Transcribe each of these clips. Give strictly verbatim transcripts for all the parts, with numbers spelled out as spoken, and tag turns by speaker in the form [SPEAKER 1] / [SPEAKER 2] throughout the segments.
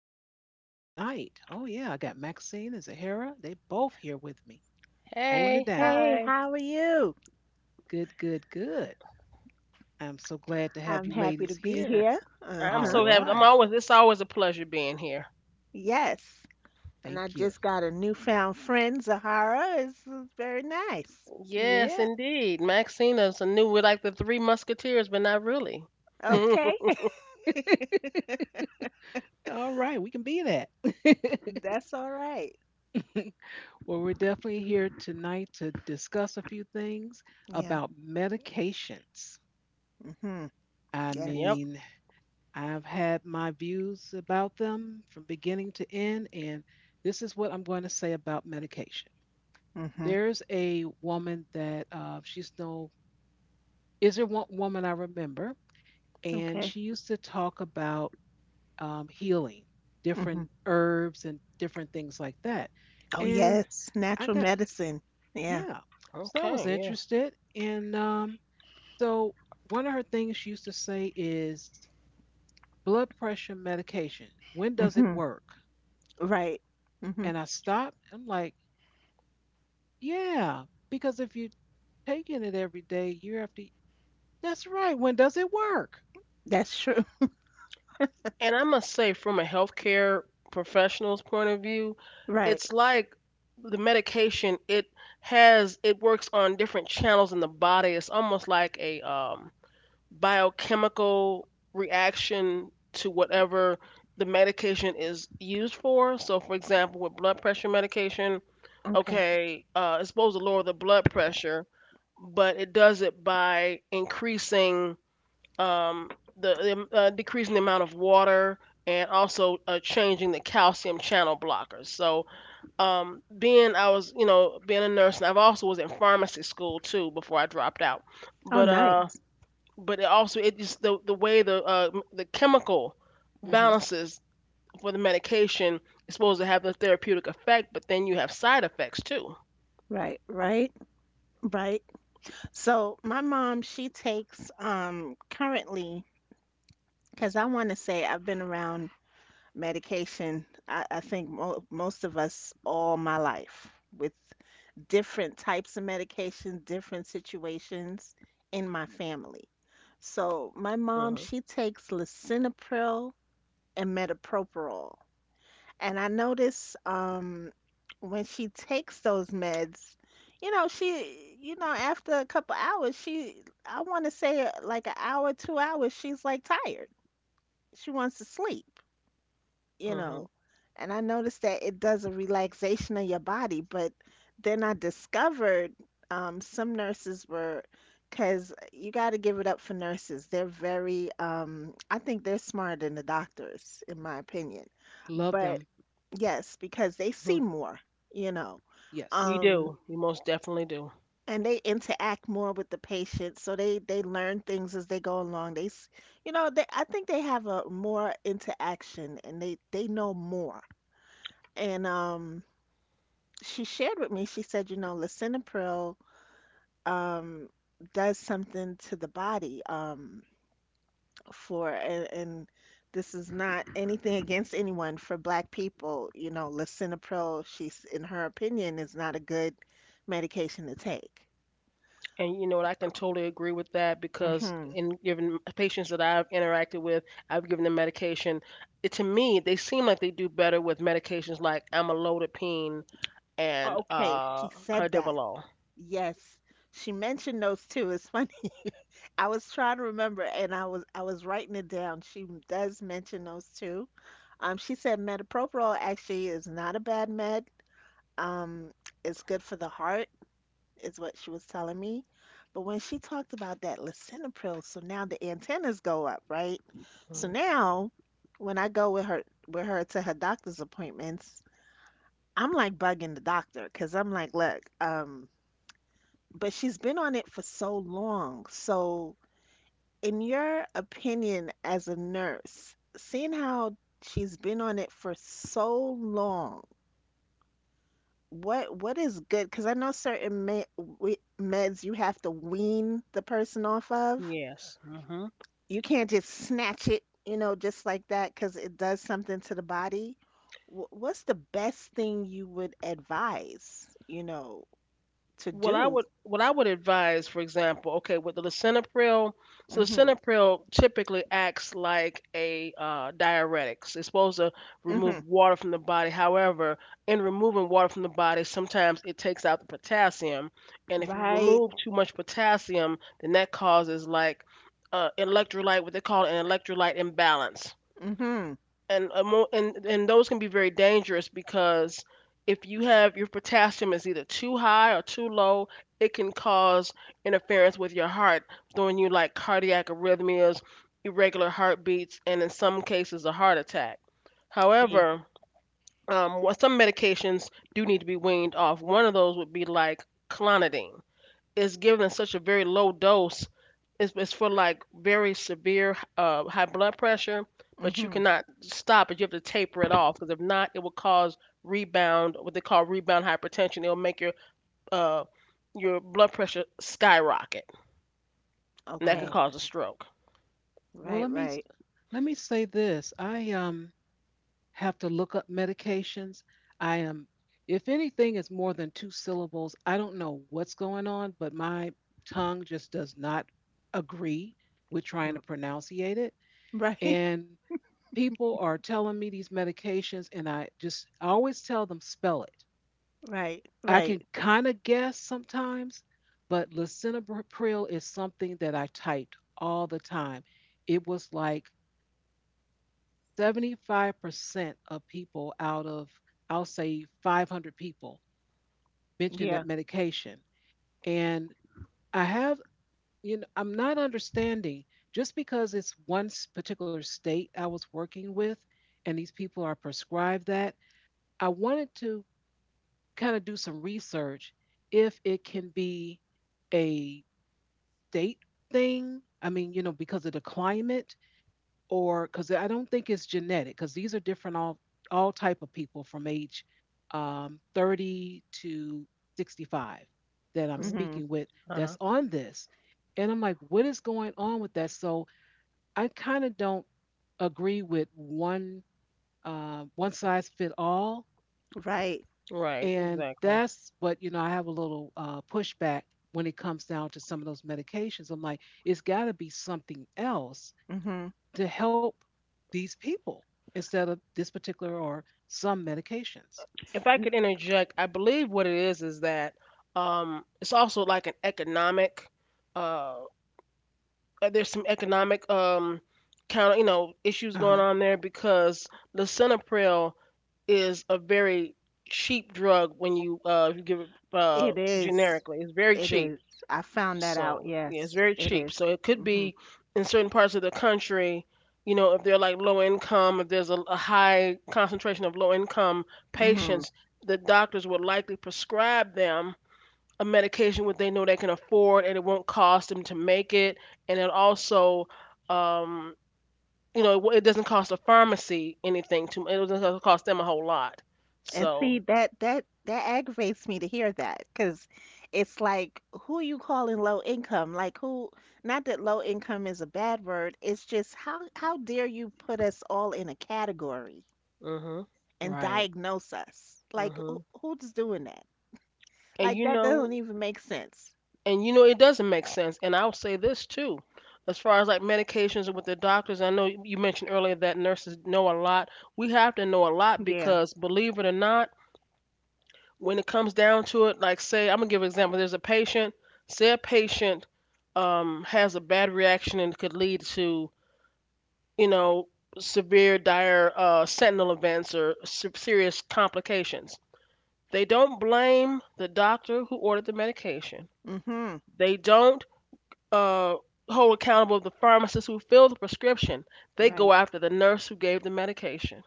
[SPEAKER 1] co hosts with me
[SPEAKER 2] Greetings.
[SPEAKER 1] tonight. Oh, yeah, I got Maxine and Zahara. They both here with me, holding
[SPEAKER 3] Hey,
[SPEAKER 1] it down.
[SPEAKER 2] Hey,
[SPEAKER 3] hi.
[SPEAKER 2] how are you?
[SPEAKER 1] Good, good, good. I'm so glad to have
[SPEAKER 2] I'm
[SPEAKER 1] you
[SPEAKER 2] happy
[SPEAKER 1] ladies
[SPEAKER 2] to be
[SPEAKER 1] here.
[SPEAKER 2] here.
[SPEAKER 1] All
[SPEAKER 3] I'm
[SPEAKER 2] Uh-huh.
[SPEAKER 3] so happy. I'm
[SPEAKER 1] right.
[SPEAKER 3] always, it's always a pleasure being here.
[SPEAKER 2] Yes. And I
[SPEAKER 1] Thank you.
[SPEAKER 2] just got a newfound friend, Zahara. This is very nice.
[SPEAKER 3] Yes,
[SPEAKER 1] Yeah.
[SPEAKER 3] indeed. Maxina's a new. We're like the Three Musketeers, but not really.
[SPEAKER 2] Okay.
[SPEAKER 1] All right. We can be that.
[SPEAKER 2] That's all right.
[SPEAKER 1] Well, we're definitely here tonight to discuss a few things
[SPEAKER 2] Yeah.
[SPEAKER 1] about medications.
[SPEAKER 2] Mm-hmm.
[SPEAKER 1] I
[SPEAKER 3] Yep.
[SPEAKER 2] Yes.
[SPEAKER 1] mean, I've had my views about them from beginning to end, and this is what I'm going to say about medication.
[SPEAKER 2] Mm-hmm.
[SPEAKER 1] There's a woman that uh, she's no is there one woman I remember, and she
[SPEAKER 2] Okay.
[SPEAKER 1] used to talk about um, healing,
[SPEAKER 2] Mm-hmm.
[SPEAKER 1] different herbs and different things like that.
[SPEAKER 2] Oh,
[SPEAKER 1] And
[SPEAKER 2] yes.
[SPEAKER 1] I
[SPEAKER 2] Natural
[SPEAKER 1] got
[SPEAKER 2] medicine. Yeah.
[SPEAKER 1] yeah, so I was
[SPEAKER 3] Okay, yeah.
[SPEAKER 1] interested, and um, so one of her things she used to say is blood pressure medication. When does it
[SPEAKER 2] Mm-hmm.
[SPEAKER 1] work?
[SPEAKER 2] Right. Mm-hmm.
[SPEAKER 1] And I stopped. I'm like, yeah, because if you're taking it every day, year after, that's right. When does it work?
[SPEAKER 2] That's true.
[SPEAKER 3] And I must say, from a healthcare professional's point of view,
[SPEAKER 2] Right.
[SPEAKER 3] it's like the medication, it has, it works on different channels in the body. It's almost like a um, biochemical reaction to whatever the medication is used for. So, for example, with blood pressure medication,
[SPEAKER 2] Okay.
[SPEAKER 3] okay, uh, it's supposed to lower the blood pressure, but it does it by increasing um, the uh, decreasing the amount of water and also uh, changing the calcium channel blockers. So, um, being I was you know being a nurse, and I've also was in pharmacy school too before I dropped out.
[SPEAKER 2] Oh,
[SPEAKER 3] But uh,
[SPEAKER 2] nice.
[SPEAKER 3] but it also it just the the way the uh, m- the chemical
[SPEAKER 1] Mm-hmm.
[SPEAKER 3] balances for the medication is supposed to have the therapeutic effect, but then you have side effects too.
[SPEAKER 2] Right. Right. Right. So my mom, she takes um currently, because I want to say I've been around medication. I, I think mo most of us all my life with different types of medication, different situations in my family. So my mom,
[SPEAKER 3] Uh-huh.
[SPEAKER 2] she takes lisinopril and metoprolol. And I notice um, when she takes those meds, you know, she, you know, after a couple hours, she, I want to say uh, like an hour, two hours, she's like tired. She wants to sleep, you
[SPEAKER 3] Uh-huh.
[SPEAKER 2] know. And I noticed that it does a relaxation of your body. But then I discovered um, some nurses were, because you got to give it up for nurses. They're very, um, I think they're smarter than the doctors, in my opinion.
[SPEAKER 1] Love
[SPEAKER 2] But
[SPEAKER 1] them.
[SPEAKER 2] yes, because they see
[SPEAKER 3] uh-huh.
[SPEAKER 2] more, you know,
[SPEAKER 1] Yes.
[SPEAKER 3] We
[SPEAKER 2] um,
[SPEAKER 3] do. We most definitely do.
[SPEAKER 2] and they interact more with the patient, so they they learn things as they go along. They, s- you know, they I think they have a more interaction and they they know more. And um, she shared with me. She said, you know, lisinopril um does something to the body. Um, for and, and this is not anything against anyone. For black people, you know, lisinopril, she's, in her opinion, is not a good medication to take.
[SPEAKER 3] And you know what? I can totally agree with that because
[SPEAKER 2] Hmm.
[SPEAKER 3] in given patients that I've interacted with, I've given them medication. It, to me, they seem like they do better with medications like amlodipine and
[SPEAKER 2] Okay, she
[SPEAKER 3] uh,
[SPEAKER 2] said that.
[SPEAKER 3] cardivolol.
[SPEAKER 2] Yes, she mentioned those two. It's funny. I was trying to remember and I was I was writing it down. She does mention those two. um she said metoprolol actually is not a bad med. um it's good for the heart is what she was telling me. But when she talked about that lisinopril, so now the antennas go up, right? So
[SPEAKER 3] Mhm.
[SPEAKER 2] now when I go with her, with her to her doctor's appointments, I'm like bugging the doctor because I'm like, look, um, but she's been on it for so long. So in your opinion as a nurse, seeing how she's been on it for so long, What what is good? Because I know certain med we, meds you have to wean the person off of.
[SPEAKER 3] Yes. Hmm
[SPEAKER 2] You can't just snatch it, you know, just like that, because it does something to the body. Wh- what's the best thing you would advise, you know, to
[SPEAKER 3] what I
[SPEAKER 2] do?
[SPEAKER 3] would what I would advise, for example, okay, with the lisinopril, so
[SPEAKER 2] Mm-hmm.
[SPEAKER 3] lisinopril typically acts like a uh, diuretic. It's supposed to remove
[SPEAKER 2] Mm-hmm.
[SPEAKER 3] water from the body. However, in removing water from the body, sometimes it takes out the potassium, and if you
[SPEAKER 2] Right.
[SPEAKER 3] remove too much potassium, then that causes like uh, electrolyte, what they call an electrolyte imbalance
[SPEAKER 2] Mm-hmm.
[SPEAKER 3] and a mo- and and those can be very dangerous because if you have your potassium is either too high or too low, it can cause interference with your heart, throwing you like cardiac arrhythmias, irregular heartbeats, and in some cases a heart attack.
[SPEAKER 2] See.
[SPEAKER 3] However, um, what some medications do need to be weaned off. One of those would be like clonidine is given in such a very low dose. It's, it's for like very severe uh, high blood pressure, but you
[SPEAKER 2] Mm-hmm.
[SPEAKER 3] cannot stop it. You have to taper it off because if not, it will cause rebound, what they call rebound hypertension. It'll make your uh, your blood pressure skyrocket, and that could
[SPEAKER 2] Okay.
[SPEAKER 1] Oh,
[SPEAKER 3] cause a stroke.
[SPEAKER 1] well,
[SPEAKER 2] Right.
[SPEAKER 1] let me s-
[SPEAKER 2] Right.
[SPEAKER 1] let me say this. I um have to look up medications. I am, if anything is more than two syllables, I don't know what's going on, but my tongue just does not agree with trying to
[SPEAKER 2] R-
[SPEAKER 1] pronunciate it.
[SPEAKER 2] Right.
[SPEAKER 1] And people are telling me these medications and I just I always tell them spell it.
[SPEAKER 2] Right.
[SPEAKER 1] I can
[SPEAKER 2] Right.
[SPEAKER 1] kind of guess sometimes, but lisinopril is something that I typed all the time. It was like seventy-five percent of people out of I'll say five hundred people mentioned
[SPEAKER 2] Yeah.
[SPEAKER 1] that medication. And I have, you know, I'm not understanding just because it's one s- particular state I was working with and these people are prescribed that. I wanted to kind of do some research if it can be a state thing. I mean, you know, because of the climate or because I don't think it's genetic, because these are different all all type of people from age um, thirty to sixty-five that I'm
[SPEAKER 3] Mhm.
[SPEAKER 2] Mm-hmm.
[SPEAKER 1] speaking with, that's
[SPEAKER 3] Uh-huh.
[SPEAKER 1] on this. And I'm like, what is going on with that? So I kind of don't agree with one uh, one size fit all.
[SPEAKER 2] Right.
[SPEAKER 3] Right,
[SPEAKER 1] And
[SPEAKER 3] exactly.
[SPEAKER 1] that's what, you know, I have a little uh, pushback when it comes down to some of those medications. I'm like, it's got to be something else
[SPEAKER 2] Mm-hmm.
[SPEAKER 1] to help these people instead of this particular or some medications.
[SPEAKER 3] If I could interject, I believe what it is is that um, it's also like an economic. uh, uh, there's some economic um counter you know issues
[SPEAKER 1] Uh-huh.
[SPEAKER 3] going on there because lisinopril is a very cheap drug when you uh if you give it uh
[SPEAKER 2] It is.
[SPEAKER 3] generically. It's very
[SPEAKER 2] It
[SPEAKER 3] cheap.
[SPEAKER 2] is. I found that out.
[SPEAKER 3] So yeah, it's
[SPEAKER 2] Yes,
[SPEAKER 3] very
[SPEAKER 2] it
[SPEAKER 3] cheap.
[SPEAKER 2] is.
[SPEAKER 3] So it could
[SPEAKER 2] Mm-hmm.
[SPEAKER 3] be in certain parts of the country, you know, if they're like low income, if there's a, a high concentration of low income
[SPEAKER 2] Mm-hmm.
[SPEAKER 3] patients, the doctors would likely prescribe them a medication what they know they can afford and it won't cost them to make it and it also um, you know it, it doesn't cost a pharmacy anything to it doesn't cost them a whole lot
[SPEAKER 2] And see,
[SPEAKER 3] so.
[SPEAKER 2] that that that aggravates me to hear that, because it's like, who you calling low income? Like, who? Not that low income is a bad word. It's just, how how dare you put us all in a category
[SPEAKER 3] Mhm.
[SPEAKER 2] and
[SPEAKER 1] Right.
[SPEAKER 2] diagnose us? Like,
[SPEAKER 3] Mhm.
[SPEAKER 2] who, who's doing that?
[SPEAKER 3] and
[SPEAKER 2] Like,
[SPEAKER 3] you
[SPEAKER 2] that
[SPEAKER 3] know
[SPEAKER 2] doesn't even make sense.
[SPEAKER 3] and you know it doesn't make sense, and I'll say this too, as far as like medications with the doctors, I know you mentioned earlier that nurses know a lot. We have to know a lot
[SPEAKER 2] Yeah.
[SPEAKER 3] because believe it or not, when it comes down to it, like say I'm gonna give an example. There's a patient. Say a patient um, has a bad reaction and could lead to you know severe, dire uh, sentinel events or se- serious complications. They don't blame the doctor who ordered the medication.
[SPEAKER 2] Mm-hmm.
[SPEAKER 3] They don't uh, hold accountable the pharmacist who filled the prescription. They go
[SPEAKER 2] Right.
[SPEAKER 3] after the nurse who gave the medication.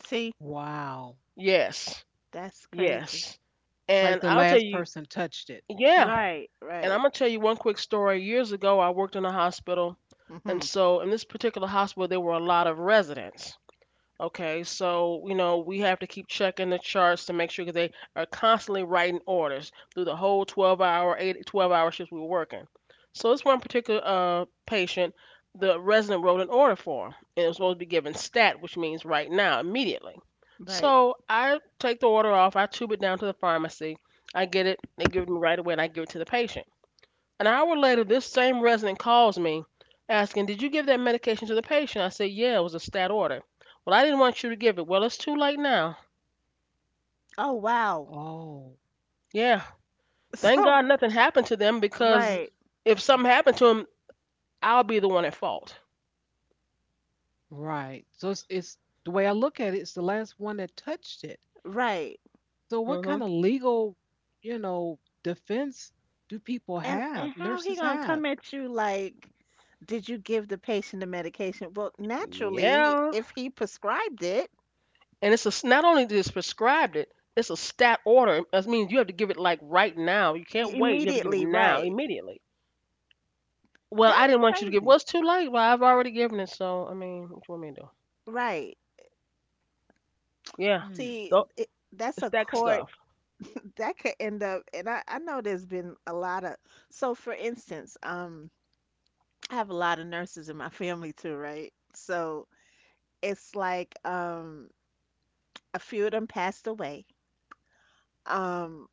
[SPEAKER 2] See,
[SPEAKER 1] Wow.
[SPEAKER 3] Yes,
[SPEAKER 2] that's crazy.
[SPEAKER 3] yes.
[SPEAKER 1] Like
[SPEAKER 3] And
[SPEAKER 1] the
[SPEAKER 3] I'll tell
[SPEAKER 1] last
[SPEAKER 3] you,
[SPEAKER 1] person touched it.
[SPEAKER 3] yeah,
[SPEAKER 2] Right.
[SPEAKER 3] and I'm
[SPEAKER 2] Right.
[SPEAKER 3] gonna tell you one quick story. Years ago, I worked in a hospital, and
[SPEAKER 2] Mhm.
[SPEAKER 3] so in this particular hospital, there were a lot of residents. Okay, so you know we have to keep checking the charts to make sure that they are constantly writing orders through the whole twelve-hour, eight, 12-hour shifts we were working. So this one particular uh, patient, the resident wrote an order for him, and it was supposed to be given stat, which means right now, immediately.
[SPEAKER 2] Right.
[SPEAKER 3] So I take the order off, I tube it down to the pharmacy, I get it, they give it to me right away, and I give it to the patient. An hour later, this same resident calls me asking, did you give that medication to the patient? I said, yeah, it was a stat order. Well, I didn't want you to give it. Well, it's too late now.
[SPEAKER 2] Oh wow.
[SPEAKER 1] Oh.
[SPEAKER 3] Yeah. Thank
[SPEAKER 2] So
[SPEAKER 3] God nothing happened to them because
[SPEAKER 2] right,
[SPEAKER 3] if something happened to them, I'll be the one at fault.
[SPEAKER 1] Right. So it's, it's the way I look at it, it's the last one that touched it.
[SPEAKER 2] right.
[SPEAKER 1] So what
[SPEAKER 3] Hmm.
[SPEAKER 1] kind of legal, you know, defense do people
[SPEAKER 2] And and
[SPEAKER 1] have,
[SPEAKER 2] how he
[SPEAKER 1] nurses
[SPEAKER 2] gonna
[SPEAKER 1] have?
[SPEAKER 2] come at you like, did you give the patient the medication? Well, naturally,
[SPEAKER 3] Yeah.
[SPEAKER 2] if he prescribed it.
[SPEAKER 3] And it's a, s- not only did just prescribed it, it's a stat order. That means you have to give it like right now. You
[SPEAKER 2] I-
[SPEAKER 3] can't wait. You have to give it
[SPEAKER 2] immediately,
[SPEAKER 3] now,
[SPEAKER 2] right.
[SPEAKER 3] immediately. Well, I
[SPEAKER 2] That's
[SPEAKER 3] didn't want you to give. Well,
[SPEAKER 2] crazy.
[SPEAKER 3] it's too late. Well, I've already given it. So, I mean, what do you want me to do?
[SPEAKER 2] Right.
[SPEAKER 3] Yeah.
[SPEAKER 1] Hmm.
[SPEAKER 2] See,
[SPEAKER 3] Th-
[SPEAKER 2] it, that's
[SPEAKER 3] It's
[SPEAKER 2] a
[SPEAKER 3] that
[SPEAKER 2] court
[SPEAKER 3] stuff.
[SPEAKER 2] that could end up. And I, I know there's been a lot of, so for instance, um, I have a lot of nurses in my family too, right? So it's like, um, a few of them passed away. um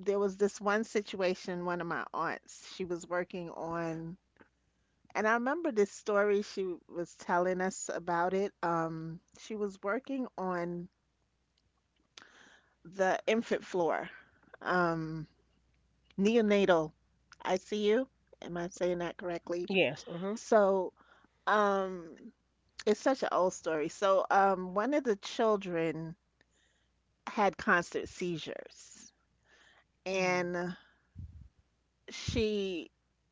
[SPEAKER 2] there was this one situation. One of my aunts, she was working on, and I remember this story she was telling us about it. um she was working on the infant floor, um neonatal I C U, am I saying that correctly?
[SPEAKER 3] Yes. Hmm.
[SPEAKER 2] So, um it's such an old story. So um one of the children had constant seizures.
[SPEAKER 1] Oh,
[SPEAKER 2] And she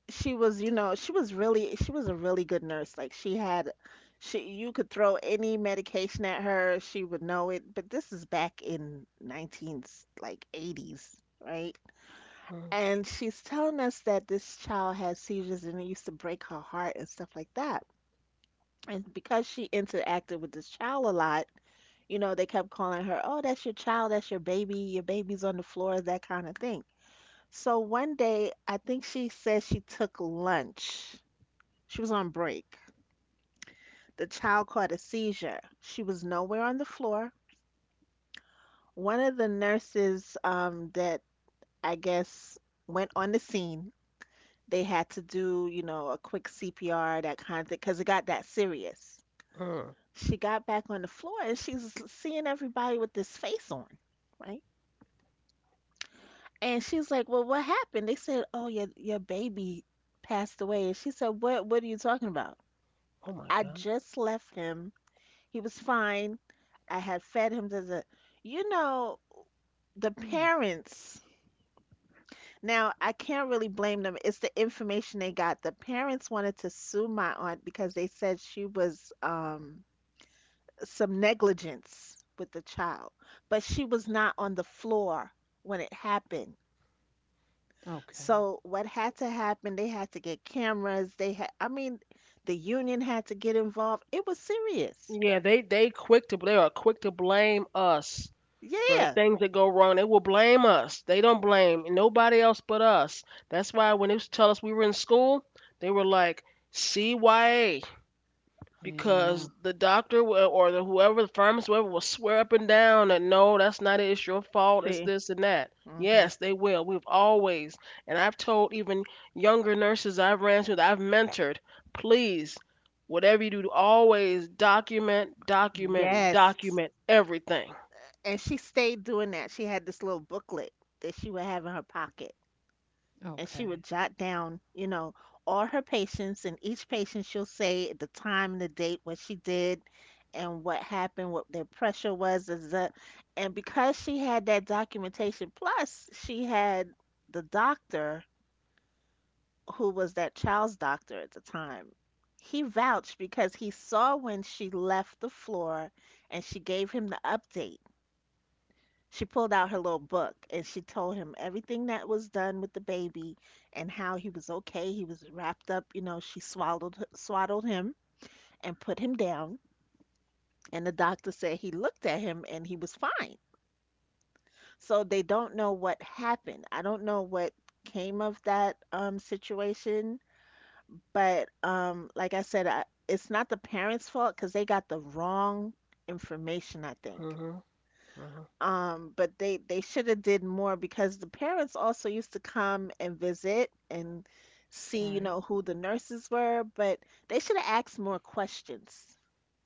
[SPEAKER 2] she was you know she was really she was a really good nurse. Like she had, she you could throw any medication at her, she would know it. But this is back in nineteen like eighties, right? And she's telling us that this child had seizures, and it used to break her heart and stuff like that. And because she interacted with this child a lot, you know, they kept calling her, oh, that's your child, that's your baby, your baby's on the floor, that kind of thing. So one day, I think she said she took lunch. She was on break. The child caught a seizure. She was nowhere on the floor. One of the nurses um, that I guess went on the scene, they had to do, you know, a quick C P R, that kind of thing, because it got that serious.
[SPEAKER 3] Mm-hmm.
[SPEAKER 2] She got back on the floor and she's seeing everybody with this face on, right? And she's like, "Well, what happened?" They said, "Oh, your your baby passed away." And she said, "What? What are you talking about?
[SPEAKER 3] Oh my
[SPEAKER 2] I
[SPEAKER 3] God.
[SPEAKER 2] just left him. He was fine. I had fed him to the, you know, the
[SPEAKER 1] mm,
[SPEAKER 2] parents." Now, I can't really blame them. It's the information they got. The parents wanted to sue my aunt because they said she was, um, some negligence with the child, but she was not on the floor when it happened.
[SPEAKER 1] okay.
[SPEAKER 2] So what had to happen? They had to get cameras. They had, I mean, the union had to get involved. It was serious.
[SPEAKER 3] Yeah, they they quick to they are quick to blame us for
[SPEAKER 2] Yeah.
[SPEAKER 3] things that go wrong. They will blame us. They don't blame nobody else but us. That's why when they used to tell us we were in school, they were like, "C Y A,
[SPEAKER 1] Yeah.
[SPEAKER 3] because the doctor wa- or the whoever the pharmacist whoever will swear up and down that no that's not it, it's your fault, it's
[SPEAKER 2] See,
[SPEAKER 3] this and that.
[SPEAKER 2] hmm.
[SPEAKER 3] Yes they will, we've always, and I've told even younger nurses I've ran to that I've mentored, please, whatever you do, always document, document,
[SPEAKER 2] Yes.
[SPEAKER 3] document everything.
[SPEAKER 2] And she stayed doing that. She had this little booklet that she would have in her pocket, and she would
[SPEAKER 1] Okay.
[SPEAKER 2] jot down, you know, all her patients, and each patient she'll say the time and the date, what she did, and what happened, what their pressure was, is that. And because she had that documentation, plus she had the doctor who was that child's doctor at the time. He vouched because he saw when she left the floor and she gave him the update. She pulled out her little book and she told him everything that was done with the baby, and how he was okay. He was wrapped up, you know, she swallowed swaddled him and put him down. And the doctor said he looked at him and he was fine. So they don't know what happened. I don't know what came of that um situation, but um like I said, I, it's not the parents' fault because they got the wrong information, I
[SPEAKER 3] Hmm.
[SPEAKER 2] think.
[SPEAKER 3] Hmm.
[SPEAKER 2] Um, but they they should have did more, because the parents also used to come and visit and see, you
[SPEAKER 1] Right.
[SPEAKER 2] know, who the nurses were, but they should have asked more questions,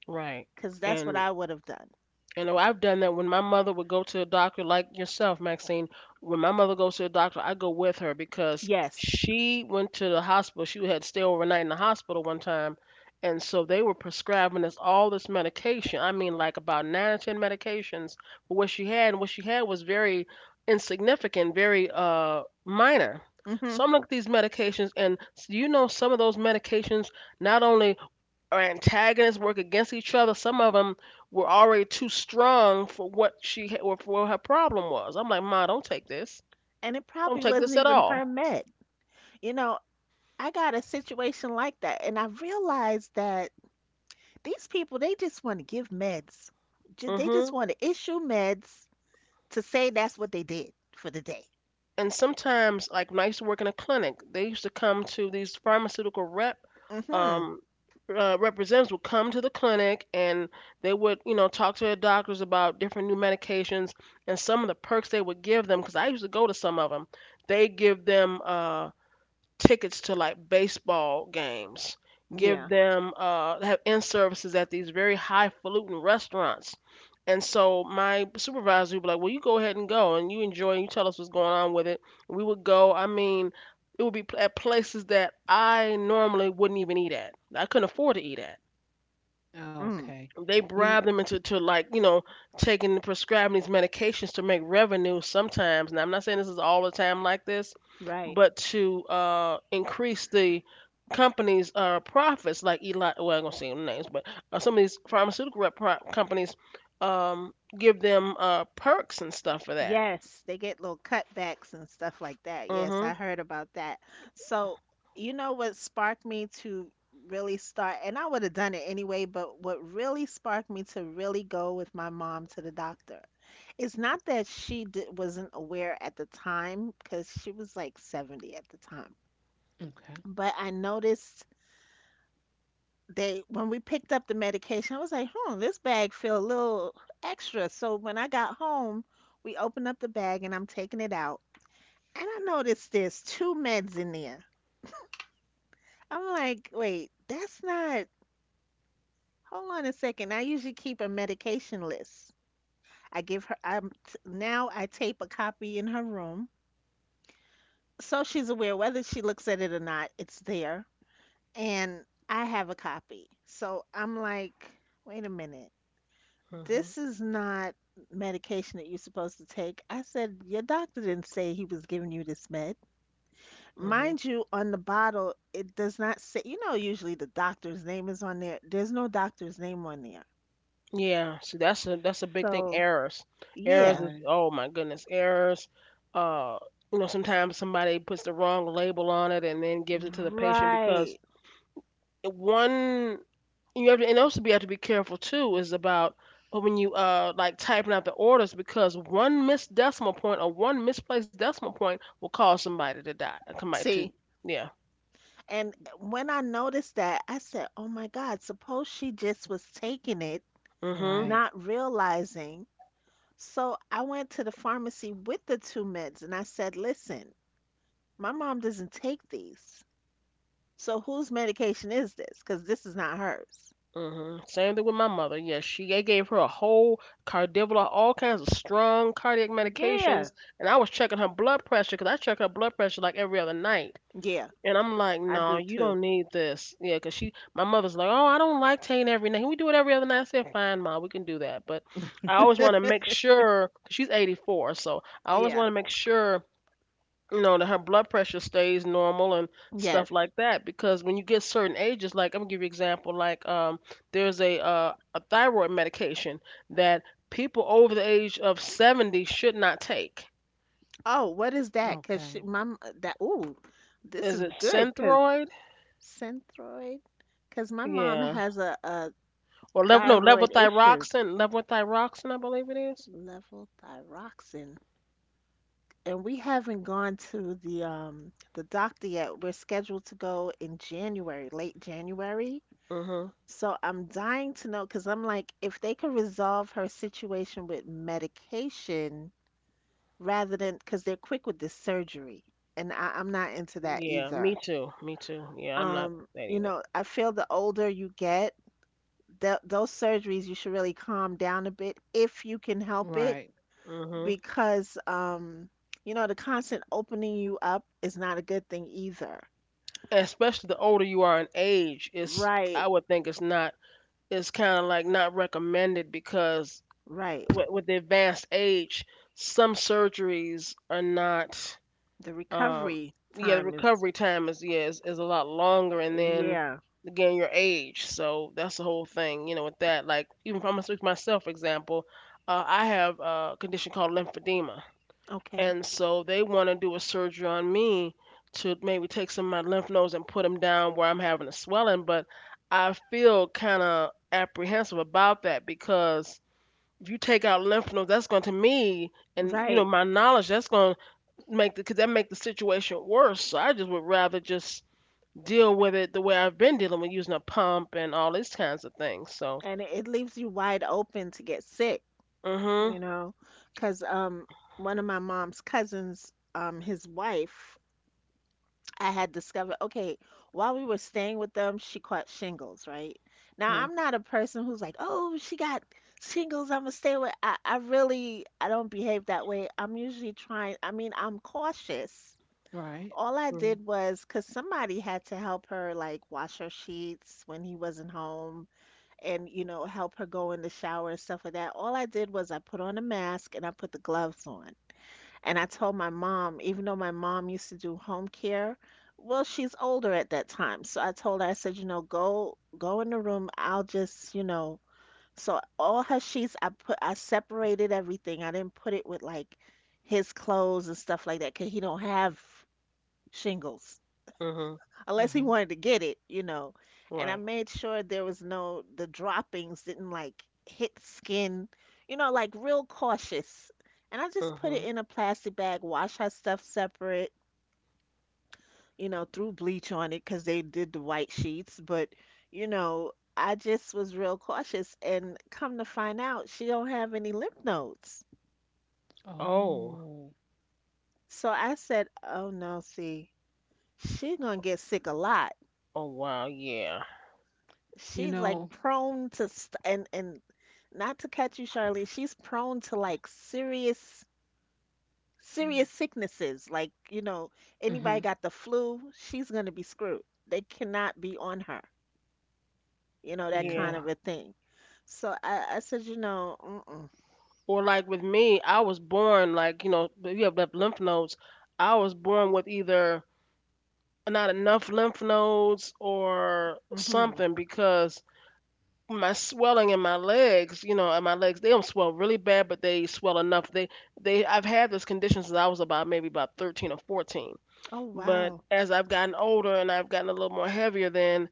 [SPEAKER 3] Right.
[SPEAKER 2] because that's what
[SPEAKER 3] And
[SPEAKER 2] I would have done.
[SPEAKER 3] you know I've done that when my mother would go to the doctor, like yourself, Maxine. When my mother goes to the doctor, I go with her because
[SPEAKER 2] Yes.
[SPEAKER 3] she went to the hospital. She had to stay overnight in the hospital one time. And so they were prescribing us all this medication. I mean, like about nine or ten medications for what she had. And what she had was very insignificant, very uh, minor.
[SPEAKER 2] Hmm.
[SPEAKER 3] So I'm looking at these medications, and s- you know, some of those medications not only are antagonists work against each other. Some of them were already too strong for what she or for what her problem was. I'm like, Ma, don't take this.
[SPEAKER 2] And it
[SPEAKER 3] Don't
[SPEAKER 2] probably
[SPEAKER 3] take
[SPEAKER 2] wasn't
[SPEAKER 3] this at
[SPEAKER 2] even her
[SPEAKER 3] all.
[SPEAKER 2] med. You know, I got a situation like that, and I realized that these people, they just want to give meds. Ju-
[SPEAKER 3] Mm
[SPEAKER 2] They just
[SPEAKER 3] hmm.
[SPEAKER 2] want to issue meds to say that's what they did for the day.
[SPEAKER 3] And sometimes, like when I used to work in a clinic, they used to come to these pharmaceutical rep
[SPEAKER 2] Hmm.
[SPEAKER 3] um, uh, representatives would come to the clinic and they would, you know, talk to their doctors about different new medications and some of the perks they would give them. Because I used to go to some of them. They give them. Uh, tickets to like baseball games, give
[SPEAKER 2] Yeah.
[SPEAKER 3] them uh have in services at these very highfalutin restaurants. And so my supervisor would be like, well, you go ahead and go and you enjoy and you tell us what's going on with it. We would go, I mean, it would be pl- at places that I normally wouldn't even eat at. I couldn't afford to eat at.
[SPEAKER 2] Mm.
[SPEAKER 1] Okay.
[SPEAKER 3] They
[SPEAKER 1] You.
[SPEAKER 3] bribe them into to like, you know, taking prescribing these medications to make revenue sometimes. Now I'm not saying this is all the time like this,
[SPEAKER 2] Right.
[SPEAKER 3] but to uh increase the company's uh profits. Like eli well I'm gonna say names, but uh, some of these pharmaceutical rep- pro- companies um give them uh perks and stuff for that.
[SPEAKER 2] Yes, they get little cutbacks and stuff like that. Yes,
[SPEAKER 3] Mm-hmm.
[SPEAKER 2] I heard about that. So, you know what sparked me to really start, and I would have done it anyway, but what really sparked me to really go with my mom to the doctor is not that she di wasn't aware at the time, because she was like seventy at the time,
[SPEAKER 1] Kn- Okay.
[SPEAKER 2] but I noticed they, when we picked up the medication, I was like, hmm, this bag feel a little extra. So when I got home, we opened up the bag and I'm taking it out, and I noticed there's two meds in there. I'm like, wait, that's not. Hold on a second. I usually keep a medication list. I give her. I'm t- now I tape a copy in her room, so she's aware whether she looks at it or not. It's there, and I have a copy. So I'm like, wait a minute.
[SPEAKER 3] Mm-hmm.
[SPEAKER 2] This is not medication that you're supposed to take. I said, your doctor didn't say he was giving you this med. Mind you, on the bottle, it does not say, you know, usually the doctor's name is on there. There's no doctor's name on there.
[SPEAKER 3] Yeah, see that's a that's a big thing.
[SPEAKER 2] So,
[SPEAKER 3] Errors, errors
[SPEAKER 2] yeah,
[SPEAKER 3] is
[SPEAKER 1] Right.
[SPEAKER 3] oh my goodness, errors. Uh, you know sometimes somebody puts the wrong label on it and then gives it to the patient because
[SPEAKER 2] right.
[SPEAKER 3] it- one you have to, and also be have to be careful too is about when you uh like typing out the orders because one missed decimal point or one misplaced decimal point will cause somebody to die. Somebody
[SPEAKER 2] See,
[SPEAKER 3] to yeah.
[SPEAKER 2] and when I noticed that, I said, oh my God, suppose she just was taking it,
[SPEAKER 3] Mm-hmm.
[SPEAKER 1] Right.
[SPEAKER 2] not realizing. So I went to the pharmacy with the two meds and I said, listen, my mom doesn't take these. So whose medication is this? Because this is not hers.
[SPEAKER 3] Hmm. Same thing with my mother. Yes, she they gave her a whole cardivola, all kinds of strong cardiac
[SPEAKER 2] Yeah.
[SPEAKER 3] medications, and I was checking her blood pressure because I check her blood pressure like every other night.
[SPEAKER 2] Yeah,
[SPEAKER 3] And I'm like,
[SPEAKER 2] I
[SPEAKER 3] no,
[SPEAKER 2] do
[SPEAKER 3] you
[SPEAKER 2] too.
[SPEAKER 3] don't need this. Yeah, because she, my mother's like, oh, I don't like taking every night. Can we do it every other night? I said, fine, ma, we can do that. But I always want to make sure, 'cause she's eighty-four, so I always
[SPEAKER 2] Yeah.
[SPEAKER 3] want to make sure you know that her blood pressure stays normal and
[SPEAKER 2] Yes.
[SPEAKER 3] stuff like that because when you get certain ages, like I'm gonna give you an example, like um there's a uh, a thyroid medication that people over the age of seventy should not take.
[SPEAKER 2] Oh, what is that? Cause she,
[SPEAKER 1] Okay.
[SPEAKER 2] my m- that ooh, this
[SPEAKER 3] Is
[SPEAKER 2] is
[SPEAKER 3] it
[SPEAKER 2] good. Cause
[SPEAKER 3] Synthroid?
[SPEAKER 2] synthroid. Cause my mom
[SPEAKER 3] Yeah,
[SPEAKER 2] has a, a
[SPEAKER 3] or level no
[SPEAKER 2] thyroid issue,
[SPEAKER 3] levothyroxine, levothyroxine I believe it is.
[SPEAKER 2] level thyroxine, and we haven't gone to the um the doctor yet. We're scheduled to go in January, late January.
[SPEAKER 3] Mhm.
[SPEAKER 2] So I'm dying to know, cause I'm like, if they could resolve her situation with medication. Rather than because they're quick with this surgery, and I, I'm not into that
[SPEAKER 3] Yeah, me
[SPEAKER 2] either.
[SPEAKER 3] too me too yeah, I'm not
[SPEAKER 2] Um,
[SPEAKER 3] that
[SPEAKER 2] you
[SPEAKER 3] either.
[SPEAKER 2] know, I feel the older you get, th those surgeries you should really calm down a bit if you can help it,
[SPEAKER 1] Right.
[SPEAKER 3] Mhm.
[SPEAKER 2] because um, you know, the constant opening you up is not a good thing either.
[SPEAKER 3] Especially the older you are in age, it's,
[SPEAKER 2] Right,
[SPEAKER 3] I would think it's not, is kind of like not recommended because
[SPEAKER 2] right.
[SPEAKER 3] with, with the advanced age, some surgeries are not.
[SPEAKER 2] The
[SPEAKER 3] Um,
[SPEAKER 2] recovery
[SPEAKER 3] yeah, the
[SPEAKER 2] time is,
[SPEAKER 3] recovery time is, yeah is, is a lot longer, and then
[SPEAKER 2] yeah,
[SPEAKER 3] again your age. So that's the whole thing, you know, with that. Like even if I'm gonna speak for myself, for example, uh, I have a condition called lymphedema,
[SPEAKER 2] okay,
[SPEAKER 3] and so they want to do a surgery on me to maybe take some of my lymph nodes and put them down where I'm having a swelling. But I feel kind of apprehensive about that because if you take out lymph nodes, that's going to me and, you know,
[SPEAKER 2] right.
[SPEAKER 3] my knowledge, that's going to make the cause that make the situation worse. So I just would rather just deal with it the way I've been dealing with, using a pump and all these kinds of things. So,
[SPEAKER 2] And it, it leaves you wide open to get sick.
[SPEAKER 3] mhm,
[SPEAKER 2] you know, because um, one of my mom's cousins, um, his wife, I had discovered, okay, while we were staying with them, she caught shingles, right? Now,
[SPEAKER 3] mhm,
[SPEAKER 2] I'm not a person who's like, oh, she got shingles, I'm gonna stay with. I, I really, I don't behave that way. I'm usually trying, I mean, I'm cautious.
[SPEAKER 1] Right.
[SPEAKER 2] All I
[SPEAKER 3] mhm,
[SPEAKER 2] did was, because somebody had to help her, like, wash her sheets when he wasn't home and you know, help her go in the shower and stuff like that. All I did was I put on a mask and I put the gloves on, and I told my mom, even though my mom used to do home care, well, she's older at that time, so I told her, I said, you know, go go in the room, I'll just, you know. So all her sheets, i put I separated everything. I didn't put it with like his clothes and stuff like that, because he don't have shingles
[SPEAKER 3] mhm,
[SPEAKER 1] Uh
[SPEAKER 2] unless he
[SPEAKER 1] huh.
[SPEAKER 2] wanted to get it, you know. And I
[SPEAKER 3] right,
[SPEAKER 2] made sure there was no, the droppings didn't like hit skin, you know, like real cautious. And I just put it
[SPEAKER 3] mhm.
[SPEAKER 2] in a plastic bag, wash her stuff separate, you know, threw bleach on it because they did the white sheets. But, you know, I just was real cautious. And come to find out, she don't have any lymph nodes.
[SPEAKER 3] Oh,
[SPEAKER 1] Oh.
[SPEAKER 2] So I said, oh no, see, she gonna get sick a lot,
[SPEAKER 3] oh wow, yeah,
[SPEAKER 1] You
[SPEAKER 2] she's like
[SPEAKER 1] know.
[SPEAKER 2] prone to st- and and not to catch you, Charlie. She's prone to like serious serious
[SPEAKER 1] Mm,
[SPEAKER 2] sicknesses. Like, you know, anybody
[SPEAKER 1] mhm.
[SPEAKER 2] got the flu, she's gonna be screwed. They cannot be on her. You know, that kind
[SPEAKER 3] yeah.
[SPEAKER 1] Yeah.
[SPEAKER 2] of a thing. So I, I said, you know, mm-mm,
[SPEAKER 3] Or like with me, I was born like, you know, but you have left lymph nodes. I was born with either not enough lymph nodes or
[SPEAKER 2] mm-hmm.
[SPEAKER 3] something, because my swelling in my legs, you know, and my legs, they don't swell really bad, but they swell enough. They they I've had this condition since I was about maybe about thirteen or fourteen.
[SPEAKER 2] Oh
[SPEAKER 3] But
[SPEAKER 2] wow.
[SPEAKER 3] as I've gotten older and I've gotten a little more heavier, then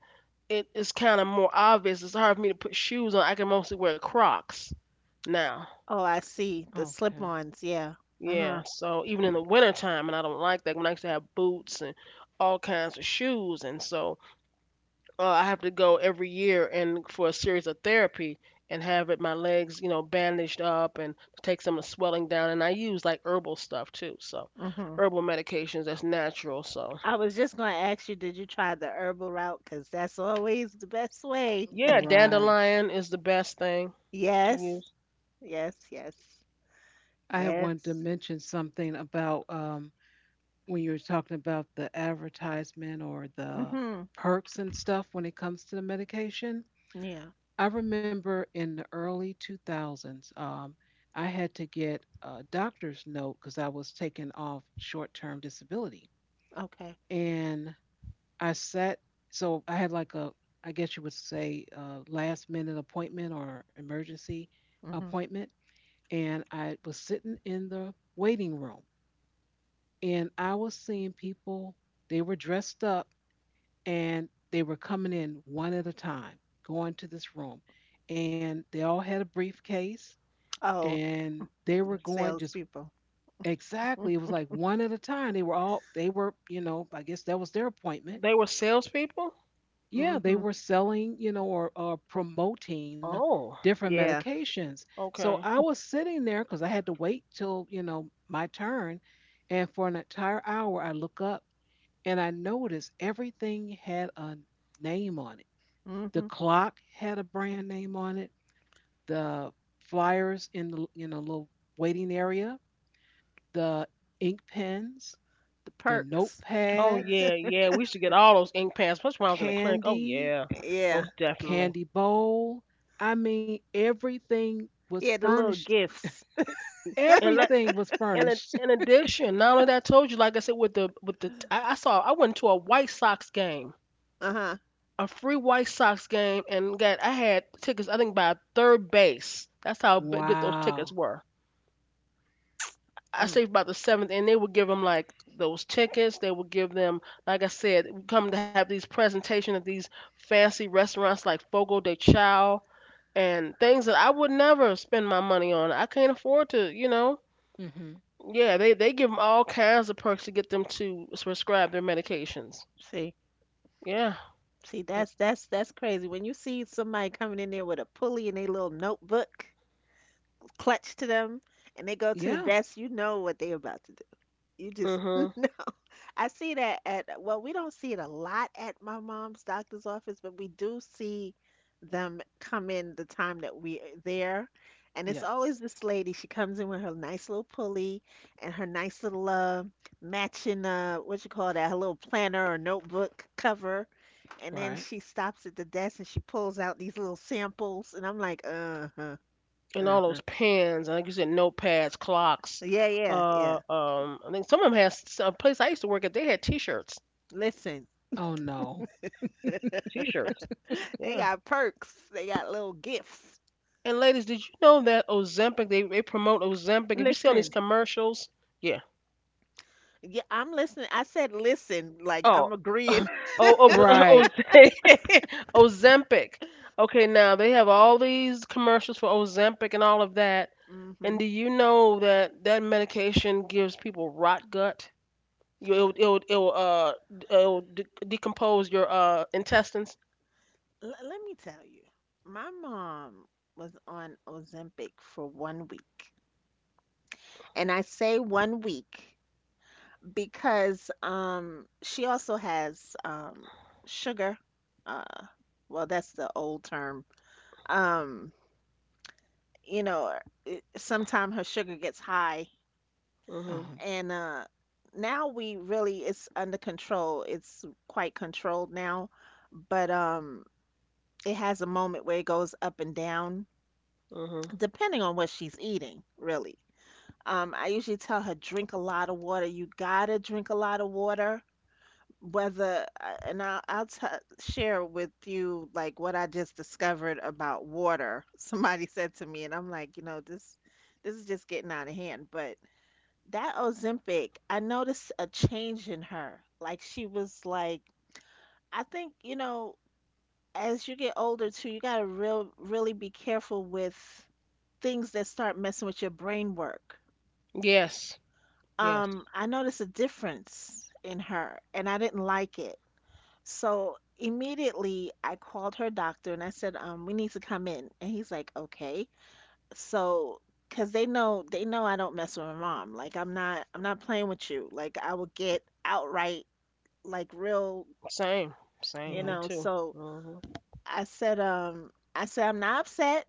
[SPEAKER 3] it is kind of more obvious. It's hard for me to put shoes on. I can mostly wear Crocs now.
[SPEAKER 2] Oh, I see. The
[SPEAKER 1] Okay.
[SPEAKER 2] slip-ons, yeah. Uh-huh.
[SPEAKER 3] Yeah, so even in the wintertime, and I don't like that. When I used to have boots and all kinds of shoes, and so uh, I have to go every year and for a series of therapy and have it, my legs, you know, bandaged up and take some of the swelling down. And I use like herbal stuff too, so
[SPEAKER 2] Mm-hmm.
[SPEAKER 3] herbal medications that's natural. So
[SPEAKER 2] I was just gonna ask you, did you try the herbal route? Because that's always the best way.
[SPEAKER 3] yeah,
[SPEAKER 1] Right.
[SPEAKER 3] dandelion is the best thing to
[SPEAKER 2] Yes.
[SPEAKER 3] use.
[SPEAKER 2] Yes, yes.
[SPEAKER 1] I had wanted to
[SPEAKER 2] Yes.
[SPEAKER 1] mention something about um when you were talking about the advertisement or the
[SPEAKER 2] Mhm.
[SPEAKER 1] perks and stuff when it comes to the medication.
[SPEAKER 2] Yeah.
[SPEAKER 1] I remember in the early two thousands, um, I had to get a doctor's note because I was taken off short term disability.
[SPEAKER 2] Okay.
[SPEAKER 1] And I sat, so I had like a, I guess you would say, uh last minute appointment or emergency
[SPEAKER 2] Mhm.
[SPEAKER 1] appointment. And I was sitting in the waiting room and I was seeing people, they were dressed up and they were coming in one at a time, going to this room. And they all had a briefcase
[SPEAKER 2] Oh,
[SPEAKER 1] and they were
[SPEAKER 2] the
[SPEAKER 1] going just
[SPEAKER 2] salespeople.
[SPEAKER 1] exactly. It was like one at a time. They were all they were, you know, I guess that was their appointment.
[SPEAKER 3] They were salespeople.
[SPEAKER 1] Yeah, they
[SPEAKER 2] Mhm.
[SPEAKER 1] were selling, you know, or, or promoting
[SPEAKER 3] Oh,
[SPEAKER 1] different
[SPEAKER 2] Yeah.
[SPEAKER 1] medications. So
[SPEAKER 3] okay.
[SPEAKER 1] I was sitting there because I had to wait till, you know, my turn. And for an entire hour, I look up and I noticed everything had a name on it. The
[SPEAKER 2] Mhm.
[SPEAKER 1] clock had a brand name on it. The flyers in the, you know, little waiting area, the ink pens,
[SPEAKER 2] The
[SPEAKER 1] the
[SPEAKER 2] perks.
[SPEAKER 3] Oh
[SPEAKER 1] notepads,
[SPEAKER 3] yeah, yeah. We used to get all those ink pads, especially when I was in the clinic. Oh
[SPEAKER 1] candy,
[SPEAKER 3] yeah,
[SPEAKER 2] Yeah.
[SPEAKER 3] most definitely.
[SPEAKER 1] candy bowl. I mean, everything was
[SPEAKER 2] Yeah, the little
[SPEAKER 1] furnished.
[SPEAKER 2] gifts.
[SPEAKER 3] And like,
[SPEAKER 1] Everything was
[SPEAKER 3] and in
[SPEAKER 1] furnished.
[SPEAKER 3] in addition, not only that, I told you, like I said, with the with the, I, I saw, I went to a White Sox game,
[SPEAKER 2] Uh-huh.
[SPEAKER 3] a free White Sox game, and got, I had tickets. I think by third base. That's how b- good those tickets
[SPEAKER 1] Wow.
[SPEAKER 3] were. I
[SPEAKER 2] Mm.
[SPEAKER 3] saved about the seventh, and they would give them like those tickets. They would give them, like I said, we come to have these presentations at these fancy restaurants like Fogo de Chao and things that I would never spend my money on. I can't afford to, you know.
[SPEAKER 1] Mm-hmm.
[SPEAKER 3] Yeah, they they give them all kinds of perks to get them to s- prescribe their medications.
[SPEAKER 2] See.
[SPEAKER 3] Yeah.
[SPEAKER 2] See, that's
[SPEAKER 1] It,
[SPEAKER 2] that's that's crazy. When you see somebody coming in there with a pulley and a little notebook clutched to them and they go to the
[SPEAKER 1] yeah.
[SPEAKER 2] desk, you know what they about to do. You just know.
[SPEAKER 3] Mhm.
[SPEAKER 2] I see that at, well, we don't see it a lot at my mom's doctor's office, but we do see them come in the time that we're there. And it's
[SPEAKER 1] Yes.
[SPEAKER 2] always this lady. She comes in with her nice little pulley and her nice little uh, matching, uh, what you call that, her little planner or notebook cover. And then
[SPEAKER 1] Right.
[SPEAKER 2] she stops at the desk and she pulls out these little samples. And I'm like, uh-huh,
[SPEAKER 3] And all
[SPEAKER 2] uh-huh.
[SPEAKER 3] those pens, and like you said, notepads, clocks.
[SPEAKER 2] Yeah, yeah,
[SPEAKER 3] Uh,
[SPEAKER 2] yeah.
[SPEAKER 3] um, I think some of them has s- a place I used to work at. They had T-shirts.
[SPEAKER 2] Listen,
[SPEAKER 1] Oh no.
[SPEAKER 3] T-shirts.
[SPEAKER 2] they
[SPEAKER 3] Yeah.
[SPEAKER 2] got perks, they got little gifts.
[SPEAKER 3] And ladies, did you know that Ozempic? They they promote Ozempic. If you see on these
[SPEAKER 2] Listen,
[SPEAKER 3] commercials, yeah.
[SPEAKER 2] yeah, I'm listening. I said listen, like
[SPEAKER 3] Oh.
[SPEAKER 2] I'm agreeing.
[SPEAKER 3] oh, oh, but-
[SPEAKER 1] Right.
[SPEAKER 3] Oz- Ozempic. Okay, now they have all these commercials for Ozempic and all of that.
[SPEAKER 2] hmm.
[SPEAKER 3] And do you know that that medication gives people rot gut? You, it'll it'll, it'll uh it'll de- decompose your uh intestines.
[SPEAKER 2] L- let me tell you, my mom was on Ozempic for one week. And I say one week because um, she also has um, sugar. Uh, well, that's the old term. Um, you know, sometimes her sugar gets high.
[SPEAKER 3] Mhm.
[SPEAKER 1] Uh-huh.
[SPEAKER 2] And uh, now we really, it's under control. It's quite controlled now. But um, it has a moment where it goes up and down,
[SPEAKER 3] Mhm.
[SPEAKER 2] depending on what she's eating, really. Um, I usually tell her, drink a lot of water. You gotta drink a lot of water. Whether, uh, and I'll, I'll t share with you like what I just discovered about water. Somebody said to me, and I'm like, you know, this, this is just getting out of hand. But that Ozempic, I noticed a change in her. Like she was like, I think, you know, as you get older too, you gotta real really be careful with things that start messing with your brain work.
[SPEAKER 3] Yes. Yes.
[SPEAKER 2] Um, I noticed a difference in her and I didn't like it. So immediately I called her doctor and I said, um, we need to come in. And he's like, okay. So, cause they know, they know I don't mess with my mom. Like I'm not, I'm not playing with you. Like I will get outright, like real,
[SPEAKER 3] Same.
[SPEAKER 2] you
[SPEAKER 3] Same. Me
[SPEAKER 1] Yeah.
[SPEAKER 2] know.
[SPEAKER 3] too.
[SPEAKER 2] So
[SPEAKER 3] Mhm.
[SPEAKER 2] I said, um, I said, I'm not upset.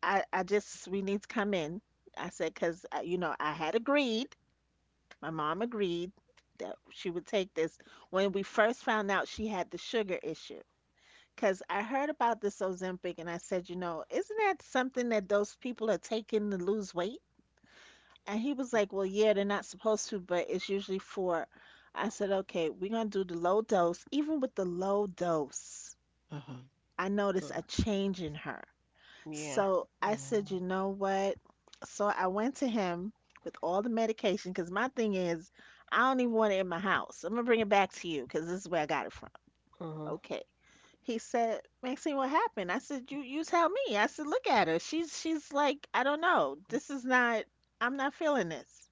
[SPEAKER 2] I, I just, we need to come in. I said, cause uh, you know, I had agreed my mom agreed that she would take this when we first found out she had the sugar issue. Because I heard about this Ozempic and I said, you know, isn't that something that those people are taking to lose weight? And he was like, well, yeah, they're not supposed to, but it's usually for. I said, okay, we're going to do the low dose. Even with the low dose,
[SPEAKER 1] Uh-huh.
[SPEAKER 2] I noticed
[SPEAKER 3] Mm,
[SPEAKER 2] a change in her.
[SPEAKER 3] yeah.
[SPEAKER 2] So I said,
[SPEAKER 1] Oh.
[SPEAKER 2] you know what? So I went to him with all the medication because my thing is, I don't even want it in my house. I'm gonna bring it back to you because this is where I got it from.
[SPEAKER 3] Mhm.
[SPEAKER 2] Okay. He said, Maxine, what happened? I said, you you tell me. I said, look at her. She's she's like, I don't know. This is not. I'm not feeling this.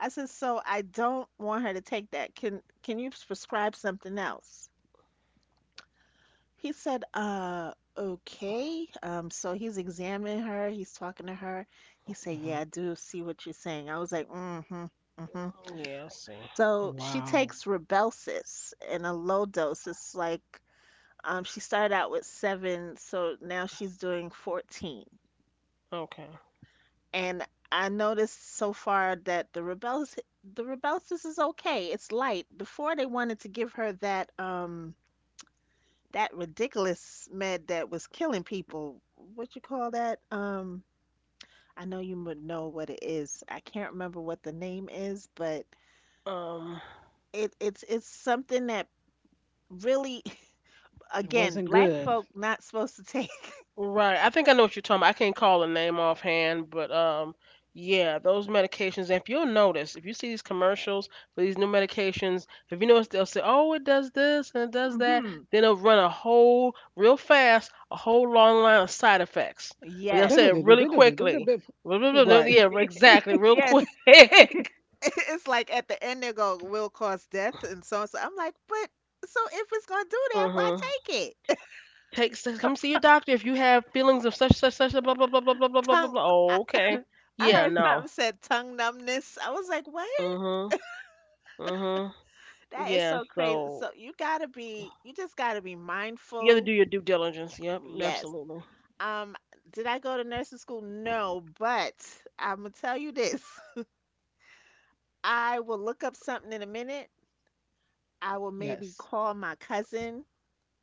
[SPEAKER 2] I said, so I don't want her to take that. Can can you prescribe something else? He said, uh, okay. Um, so he's examining her, he's talking to her. He said,
[SPEAKER 1] Uh-huh.
[SPEAKER 2] yeah, I do see what you're saying. I was like, mm-hmm, mm-hmm.
[SPEAKER 3] Mm, yeah. I see.
[SPEAKER 2] So she
[SPEAKER 1] Wow.
[SPEAKER 2] takes Rybelsus in a low dose. It's like um she started out with seven, so now she's doing fourteen.
[SPEAKER 3] Okay.
[SPEAKER 2] And I noticed so far that the Rybelsus the Rybelsus is okay. It's light. Before they wanted to give her that um that ridiculous med that was killing people. What you call that? Um, I know you would know what it is. I can't remember what the name is, but
[SPEAKER 3] Um.
[SPEAKER 2] it it's it's something that really,
[SPEAKER 1] It
[SPEAKER 2] again,
[SPEAKER 1] wasn't
[SPEAKER 2] black
[SPEAKER 1] good.
[SPEAKER 2] folk not supposed to take.
[SPEAKER 3] Right. I think I know what you're talking about. I can't call a name offhand, but um yeah, those medications, if you'll notice, if you see these commercials for these new medications, if you notice, they'll say, oh, it does this and it does that,
[SPEAKER 2] hmm.
[SPEAKER 3] then they'll run a whole real fast, a whole long line of side effects. But they'll
[SPEAKER 2] Yes.
[SPEAKER 3] say it really quickly.
[SPEAKER 1] Right.
[SPEAKER 3] Yeah, exactly, real quick.
[SPEAKER 2] Yes. It's like at the end they go, will cause death and so on. So I'm like, but so if it's gonna do that, why
[SPEAKER 3] Mm-hmm.
[SPEAKER 2] take it?
[SPEAKER 3] Take s- come see your doctor if you have feelings of such such such blah blah blah blah blah blah blah blah blah.
[SPEAKER 2] Tongue.
[SPEAKER 3] Blah.
[SPEAKER 2] I,
[SPEAKER 3] Oh, okay.
[SPEAKER 2] I
[SPEAKER 3] Yeah,
[SPEAKER 2] heard
[SPEAKER 3] no.
[SPEAKER 2] something said tongue numbness. I was like, what?
[SPEAKER 3] Mm-hmm. Mm-hmm.
[SPEAKER 2] That is
[SPEAKER 3] Yeah,
[SPEAKER 2] so crazy.
[SPEAKER 3] so
[SPEAKER 2] So you gotta be, you just gotta be
[SPEAKER 3] you have to
[SPEAKER 2] mindful.
[SPEAKER 3] do your due diligence. Yep,
[SPEAKER 2] Yes.
[SPEAKER 3] absolutely.
[SPEAKER 2] Um, did I go to nursing school? No, but I'm gonna tell you this. I will look up something in a minute. I will maybe
[SPEAKER 1] Yes.
[SPEAKER 2] call my cousin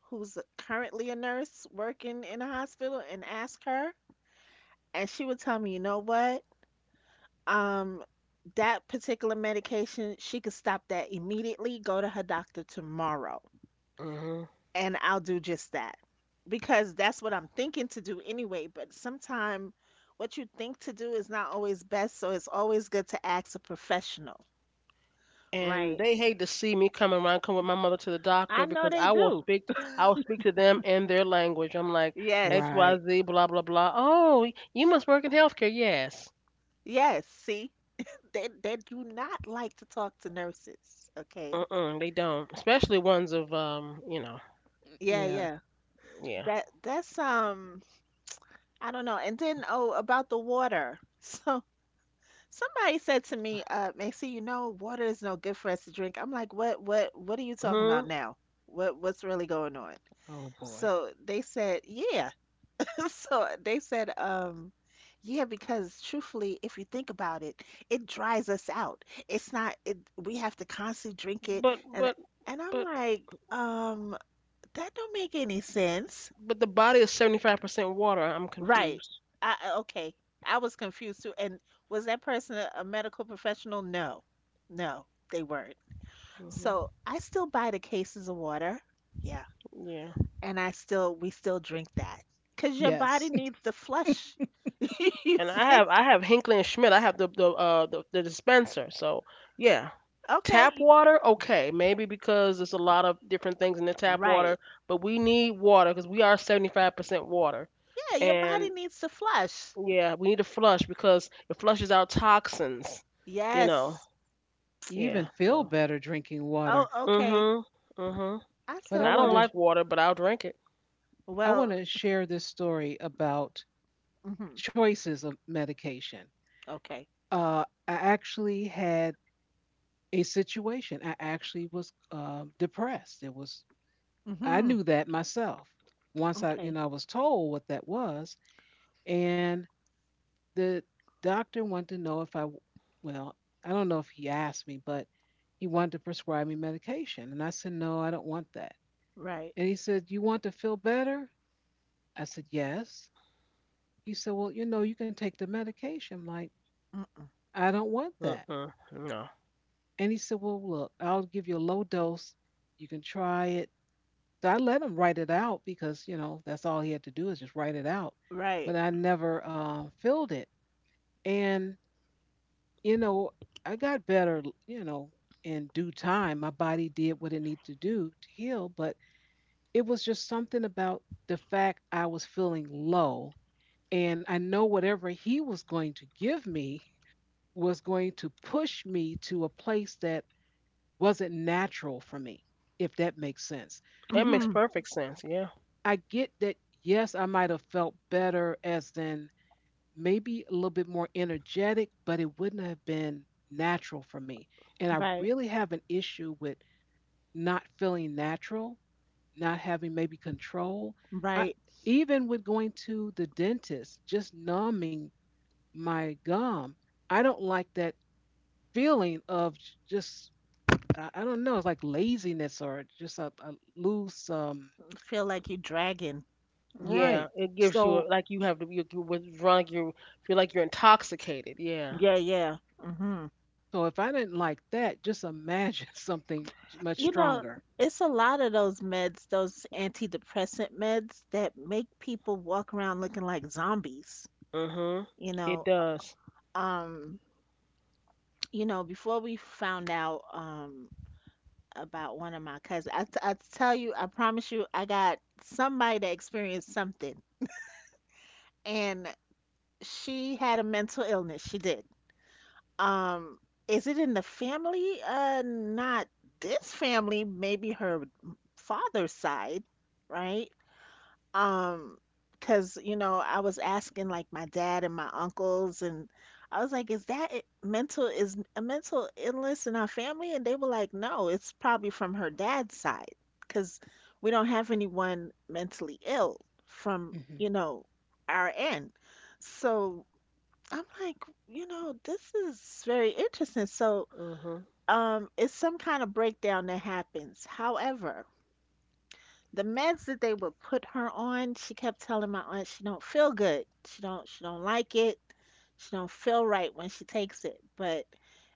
[SPEAKER 2] who's currently a nurse working in a hospital and ask her. And she would tell me, you know what? Um, that particular medication, she could stop that immediately. Go to her doctor tomorrow.
[SPEAKER 3] Hmm.
[SPEAKER 2] And I'll do just that because that's what I'm thinking to do anyway. But sometimes what you think to do is not always best, so it's always good to ask a professional,
[SPEAKER 3] And
[SPEAKER 2] right?
[SPEAKER 3] they hate to see me coming around, come with my mother to the doctor
[SPEAKER 2] I know
[SPEAKER 3] because
[SPEAKER 2] they
[SPEAKER 3] I will
[SPEAKER 2] do.
[SPEAKER 3] speak. I will speak to them in their language. I'm like X,
[SPEAKER 2] Yes,
[SPEAKER 3] Y,
[SPEAKER 1] Right.
[SPEAKER 3] Z, blah, blah, blah. Oh, you must work in healthcare. Yes.
[SPEAKER 2] yes. See, they they do not like to talk to nurses. Okay.
[SPEAKER 3] Mm-mm, they don't, especially ones of um, you know,
[SPEAKER 2] Yeah,
[SPEAKER 1] Yeah.
[SPEAKER 2] yeah.
[SPEAKER 3] yeah.
[SPEAKER 2] That that's um I don't know. And then oh about the water. So somebody said to me, uh, Macy, you know, water is no good for us to drink. I'm like, what, what, what are you talking
[SPEAKER 3] Hmm.
[SPEAKER 2] about now? What, what's really going on?
[SPEAKER 1] Oh boy.
[SPEAKER 2] So they said, yeah. So they said, um, yeah, because truthfully, if you think about it, it dries us out. It's not, it, we have to constantly drink it.
[SPEAKER 3] But
[SPEAKER 2] And,
[SPEAKER 3] but
[SPEAKER 2] and I'm
[SPEAKER 3] but
[SPEAKER 2] like, um, that don't make any sense.
[SPEAKER 3] but the body is seventy-five percent water. I'm
[SPEAKER 2] Right.
[SPEAKER 3] confused.
[SPEAKER 2] I I- okay. I was confused too. And was that person a, a medical professional? No. No, they weren't. So
[SPEAKER 3] Hmm.
[SPEAKER 2] I still buy the cases of water. Yeah.
[SPEAKER 3] Yeah.
[SPEAKER 2] And I still we still drink that because your body
[SPEAKER 1] Yes.
[SPEAKER 2] needs to flush. You
[SPEAKER 3] And I
[SPEAKER 2] still-
[SPEAKER 3] have I have Hinckley and Schmidt. I have the the uh the, the dispenser. So yeah, tap
[SPEAKER 2] okay.
[SPEAKER 3] water. Okay, maybe because there's a lot of different things in the tap water,
[SPEAKER 2] Right.
[SPEAKER 3] but we need water because we are seventy-five percent water.
[SPEAKER 2] Yeah, your body
[SPEAKER 3] And
[SPEAKER 2] needs to flush.
[SPEAKER 3] yeah, we need to flush because it flushes out toxins. You know.
[SPEAKER 2] Yes.
[SPEAKER 1] You even
[SPEAKER 3] Yeah.
[SPEAKER 1] feel
[SPEAKER 3] So.
[SPEAKER 1] better drinking
[SPEAKER 2] Oh,
[SPEAKER 1] water.
[SPEAKER 2] okay.
[SPEAKER 3] Mhm. Mhm.
[SPEAKER 2] I
[SPEAKER 1] But
[SPEAKER 2] said
[SPEAKER 3] And
[SPEAKER 1] I
[SPEAKER 3] I
[SPEAKER 1] want
[SPEAKER 3] don't
[SPEAKER 2] what?
[SPEAKER 1] to
[SPEAKER 3] like water, but I'll drink it.
[SPEAKER 1] I want
[SPEAKER 2] Well,
[SPEAKER 1] to share this story about
[SPEAKER 2] mhm.
[SPEAKER 1] choices of medication.
[SPEAKER 2] Okay.
[SPEAKER 1] Uh, I actually had a situation. I actually was um depressed. It was I
[SPEAKER 2] Mhm.
[SPEAKER 1] knew that myself once I, you
[SPEAKER 2] Okay.
[SPEAKER 1] know, I was told what that was. And the doctor wanted to know if I, w- well, I don't know if he asked me, but he wanted to prescribe me medication. And I said, no, I don't want that.
[SPEAKER 2] Right.
[SPEAKER 1] And he said, you want to feel better? I said, yes. He said, well, you know, you can take the medication. I'm like,
[SPEAKER 2] Mm-mm.
[SPEAKER 1] I don't want that.
[SPEAKER 3] Mm-mm. No.
[SPEAKER 1] And he said, well, look, I'll give you a low dose. You can try it. So I let him write it out because, you know, that's all he had to do is just write it out. But
[SPEAKER 2] Right.
[SPEAKER 1] I never uh, filled it. And, you know, I got better, you know, in due time. My body did what it needed to do to heal. But it was just something about the fact I was feeling low. And I know whatever he was going to give me was going to push me to a place that wasn't natural for me, if that makes sense.
[SPEAKER 3] That makes
[SPEAKER 2] Mhm.
[SPEAKER 3] perfect sense. Yeah.
[SPEAKER 1] I get that, yes, I might have felt better, as in maybe a little bit more energetic, but it wouldn't have been natural for me. And I
[SPEAKER 2] Right.
[SPEAKER 1] really have an issue with not feeling natural, not having maybe control. I,
[SPEAKER 2] Right.
[SPEAKER 1] even with going to the dentist, just numbing my gum, I don't like that feeling of j- just, I I don't know, it's like laziness or just a, a loose, um,
[SPEAKER 2] Feel like you dragging. hmm.
[SPEAKER 3] Yeah,
[SPEAKER 1] right.
[SPEAKER 3] it gives you a,
[SPEAKER 1] So
[SPEAKER 3] like you have to, you you withdrawn. You feel like you're intoxicated. Yeah.
[SPEAKER 2] Yeah, yeah. hmm.
[SPEAKER 1] So if I didn't like that, just imagine something much
[SPEAKER 2] You know,
[SPEAKER 1] stronger.
[SPEAKER 2] it's a lot of those meds, those antidepressant meds that make people walk around looking like zombies.
[SPEAKER 3] Mhm.
[SPEAKER 2] You
[SPEAKER 3] It
[SPEAKER 2] know,
[SPEAKER 3] does.
[SPEAKER 2] um, you know, before we found out um about one of my cousins, I, t- I tell you, I promise you, I got somebody that experienced something, and she had a mental illness. She did. Um, is it in the family? Uh, not this family, maybe her father's side, right? Um, Because you know, I was asking like my dad and my uncles and I was like, is that it- mental is a mental illness in our family? And they were like, no, it's probably from her dad's side, because we don't have anyone mentally ill from,
[SPEAKER 1] Hmm.
[SPEAKER 2] you know, our end. So I'm like, you know, this is very interesting. So,
[SPEAKER 3] Mhm.
[SPEAKER 2] um, it's some kind of breakdown that happens. However, the meds that they would put her on, she kept telling my aunt she don't feel good. She don't she don't like it. She don't feel right when she takes it. But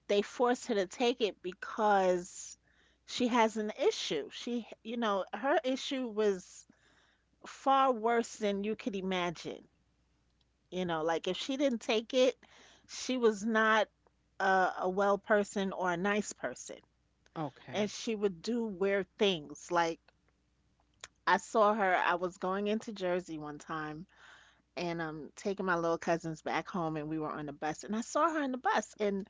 [SPEAKER 2] they force her to take it because she has an issue. She, you know, her issue was far worse than you could imagine. You know, like if she didn't take it, she was not a, a well person or a nice person. And
[SPEAKER 1] Okay.
[SPEAKER 2] she would do weird things. Like I saw her, I was going into Jersey one time and um taking my little cousins back home and we were on the bus and I saw her on the bus and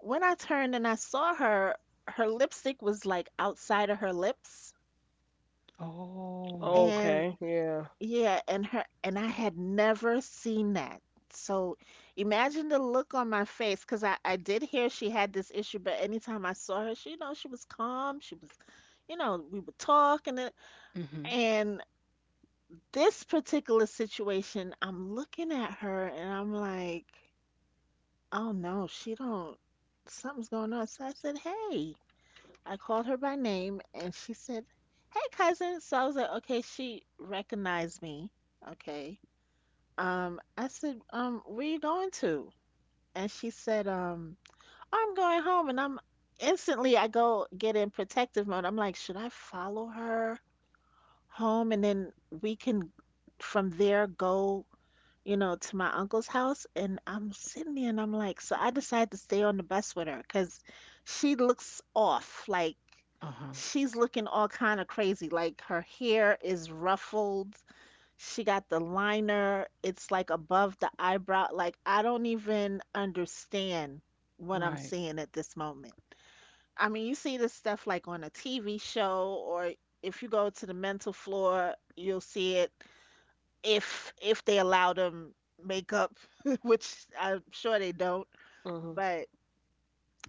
[SPEAKER 2] when I turned and I saw her, her lipstick was like outside of her lips
[SPEAKER 1] Oh.
[SPEAKER 2] and
[SPEAKER 3] Okay. Yeah.
[SPEAKER 2] yeah, and her and I had never seen that. So imagine the look on my face because I, I did hear she had this issue, but anytime I saw her, she, you know, she was calm. She was, you know, we would talk and then,
[SPEAKER 1] Mm-hmm.
[SPEAKER 2] and this particular situation, I'm looking at her and I'm like, oh no, she don't, something's going on. So I said, hey, I called her by name and she said, hey cousin. So I was like, okay, she recognized me. Okay. Um, I said, um, where you going to? And she said, um, I'm going home. And I'm instantly, I go get in protective mode. I'm like, should I follow her home? And then we can from there go, you know, to my uncle's house. And I'm sitting there and I'm like, so I decided to stay on the bus with her because she looks off. Like
[SPEAKER 1] Uh-huh.
[SPEAKER 2] she's looking all kind of crazy. Like her hair is ruffled, she got the liner. It's like above the eyebrow. Like I don't even understand what I'm
[SPEAKER 1] Right.
[SPEAKER 2] seeing at this moment. I mean, you see this stuff like on a T V show or if you go to the mental floor, you'll see it if if they allow them makeup, which I'm sure they don't.
[SPEAKER 3] Mhm.
[SPEAKER 2] But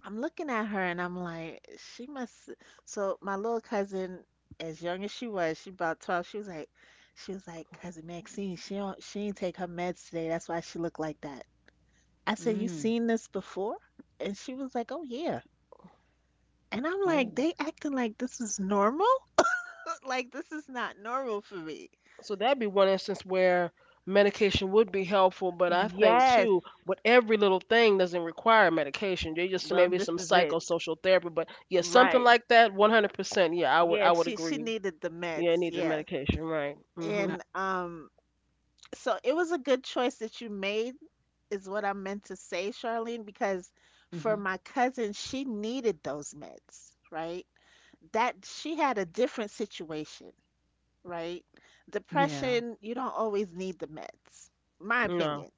[SPEAKER 2] I'm looking at her and I'm like, she must. So my little cousin, as young as she was, she about twelve, she was like, she was like, Cousin Maxine, she don't, she ain't take her meds today. That's why she looked like that. I said, you
[SPEAKER 1] Mm.
[SPEAKER 2] seen this before? And she was like, oh yeah. And I'm like,
[SPEAKER 1] Oh.
[SPEAKER 2] they acting like this is normal? Like this is not normal for me.
[SPEAKER 3] So that'd be one instance where medication would be helpful, but I think
[SPEAKER 2] Yes.
[SPEAKER 3] too, but every little thing doesn't require medication. They just
[SPEAKER 2] Well,
[SPEAKER 3] maybe
[SPEAKER 2] this
[SPEAKER 3] some
[SPEAKER 2] is it.
[SPEAKER 3] psychosocial therapy, but yeah, something
[SPEAKER 2] Right.
[SPEAKER 3] like that. One hundred percent. Yeah, I would. I
[SPEAKER 2] Yeah,
[SPEAKER 3] would
[SPEAKER 2] she she
[SPEAKER 3] agree.
[SPEAKER 2] needed the
[SPEAKER 3] Yeah, it
[SPEAKER 2] meds.
[SPEAKER 3] needs a
[SPEAKER 2] Yeah.
[SPEAKER 3] medication, right? Mhm.
[SPEAKER 1] Not.
[SPEAKER 2] And um so it was a good choice that you made is what I meant to say, Charlene, because for
[SPEAKER 1] Mm-hmm.
[SPEAKER 2] my cousin, she needed those meds, right? That she had a different situation, right?
[SPEAKER 1] Yeah.
[SPEAKER 2] Depression, you don't always need the meds, my
[SPEAKER 3] No.
[SPEAKER 2] opinion.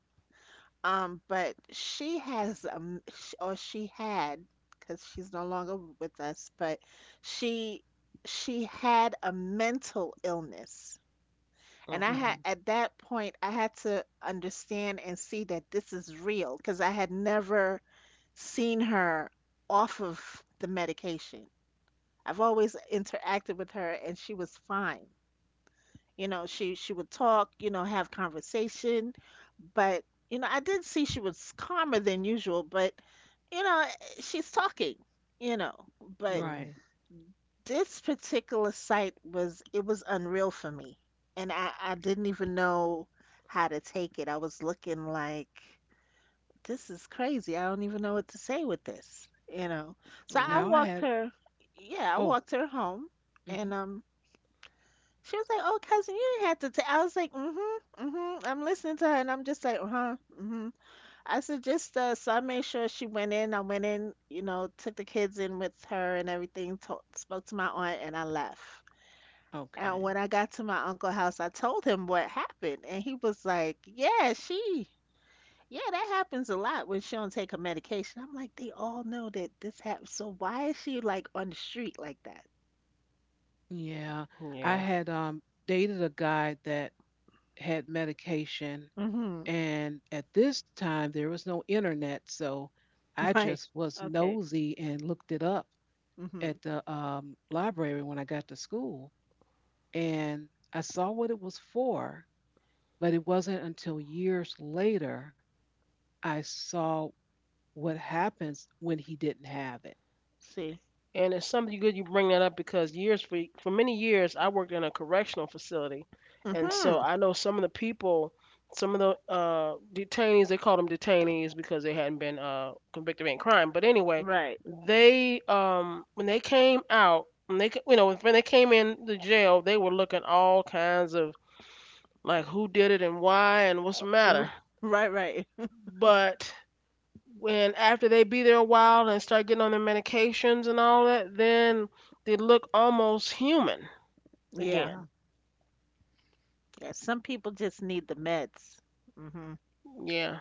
[SPEAKER 2] Um, but she has um, sh- or she had, because she's no longer with us, but she she had a mental illness and I
[SPEAKER 3] Okay.
[SPEAKER 2] had,
[SPEAKER 1] Mm-hmm.
[SPEAKER 2] at that point, I had to understand and see that this is real because I had never seen her off of the medication. I've always interacted with her and she was fine. You know, she she would talk, you know, have conversation, but you know, I did see she was calmer than usual, but you know, she's talking, you know, but
[SPEAKER 1] Right.
[SPEAKER 3] Mhm.
[SPEAKER 2] this particular site was it was unreal for me, and I I didn't even know how to take it. I was looking like this is crazy. I don't even know what to say with this, you know. So I
[SPEAKER 1] Now
[SPEAKER 3] Yeah.
[SPEAKER 1] I
[SPEAKER 2] walked
[SPEAKER 1] had.
[SPEAKER 2] her, yeah, I
[SPEAKER 1] Oh.
[SPEAKER 2] walked her home,
[SPEAKER 1] Mm-hmm.
[SPEAKER 2] and um, she was like, "Oh, cousin, you didn't have to ta-" I was like, "Mm-hmm, mm-hmm." I'm listening to her, and I'm just like, "Uh-huh, mm-hmm." I said, "Just uh," so I made sure she went in. I went in, you know, took the kids in with her and everything. Talk, spoke to my aunt, and I left. And
[SPEAKER 1] Okay.
[SPEAKER 2] when I got to my uncle's house, I told him what happened, and he was like, "Yeah, she, yeah, that happens a lot when she don't take her medication." I'm like, "They all know that this happens, so why is she like on the street like that?"
[SPEAKER 1] Yeah. I
[SPEAKER 3] Yeah.
[SPEAKER 1] had um dated a guy that had medication,
[SPEAKER 2] Mm-hmm.
[SPEAKER 1] and at this time there was no internet, so I
[SPEAKER 2] Right.
[SPEAKER 1] just was
[SPEAKER 2] Okay.
[SPEAKER 1] nosy and looked it up
[SPEAKER 2] Mm-hmm.
[SPEAKER 1] at the um, library when I got to school, and I saw what it was for, but it wasn't until years later I saw what happens when he didn't have it.
[SPEAKER 2] See.
[SPEAKER 3] And it's something good you bring that up because years, for for many years I worked in a correctional facility, and so
[SPEAKER 2] Mm-hmm.
[SPEAKER 3] I know some of the people, some of the uh, detainees. They called them detainees because they hadn't been uh, convicted of any crime. But anyway,
[SPEAKER 2] Right.
[SPEAKER 3] they um, when they came out, when they ca- you know, when they came in the jail, they were looking all kinds of like who did it and why and what's the
[SPEAKER 2] R-
[SPEAKER 3] matter.
[SPEAKER 2] Right. Right.
[SPEAKER 3] But when after they be there a while and start getting on their medications and all that, then they look almost human
[SPEAKER 2] Yeah.
[SPEAKER 3] again.
[SPEAKER 1] Wow.
[SPEAKER 2] Yeah. Some people just need the meds. Mm-hmm.
[SPEAKER 3] Yeah,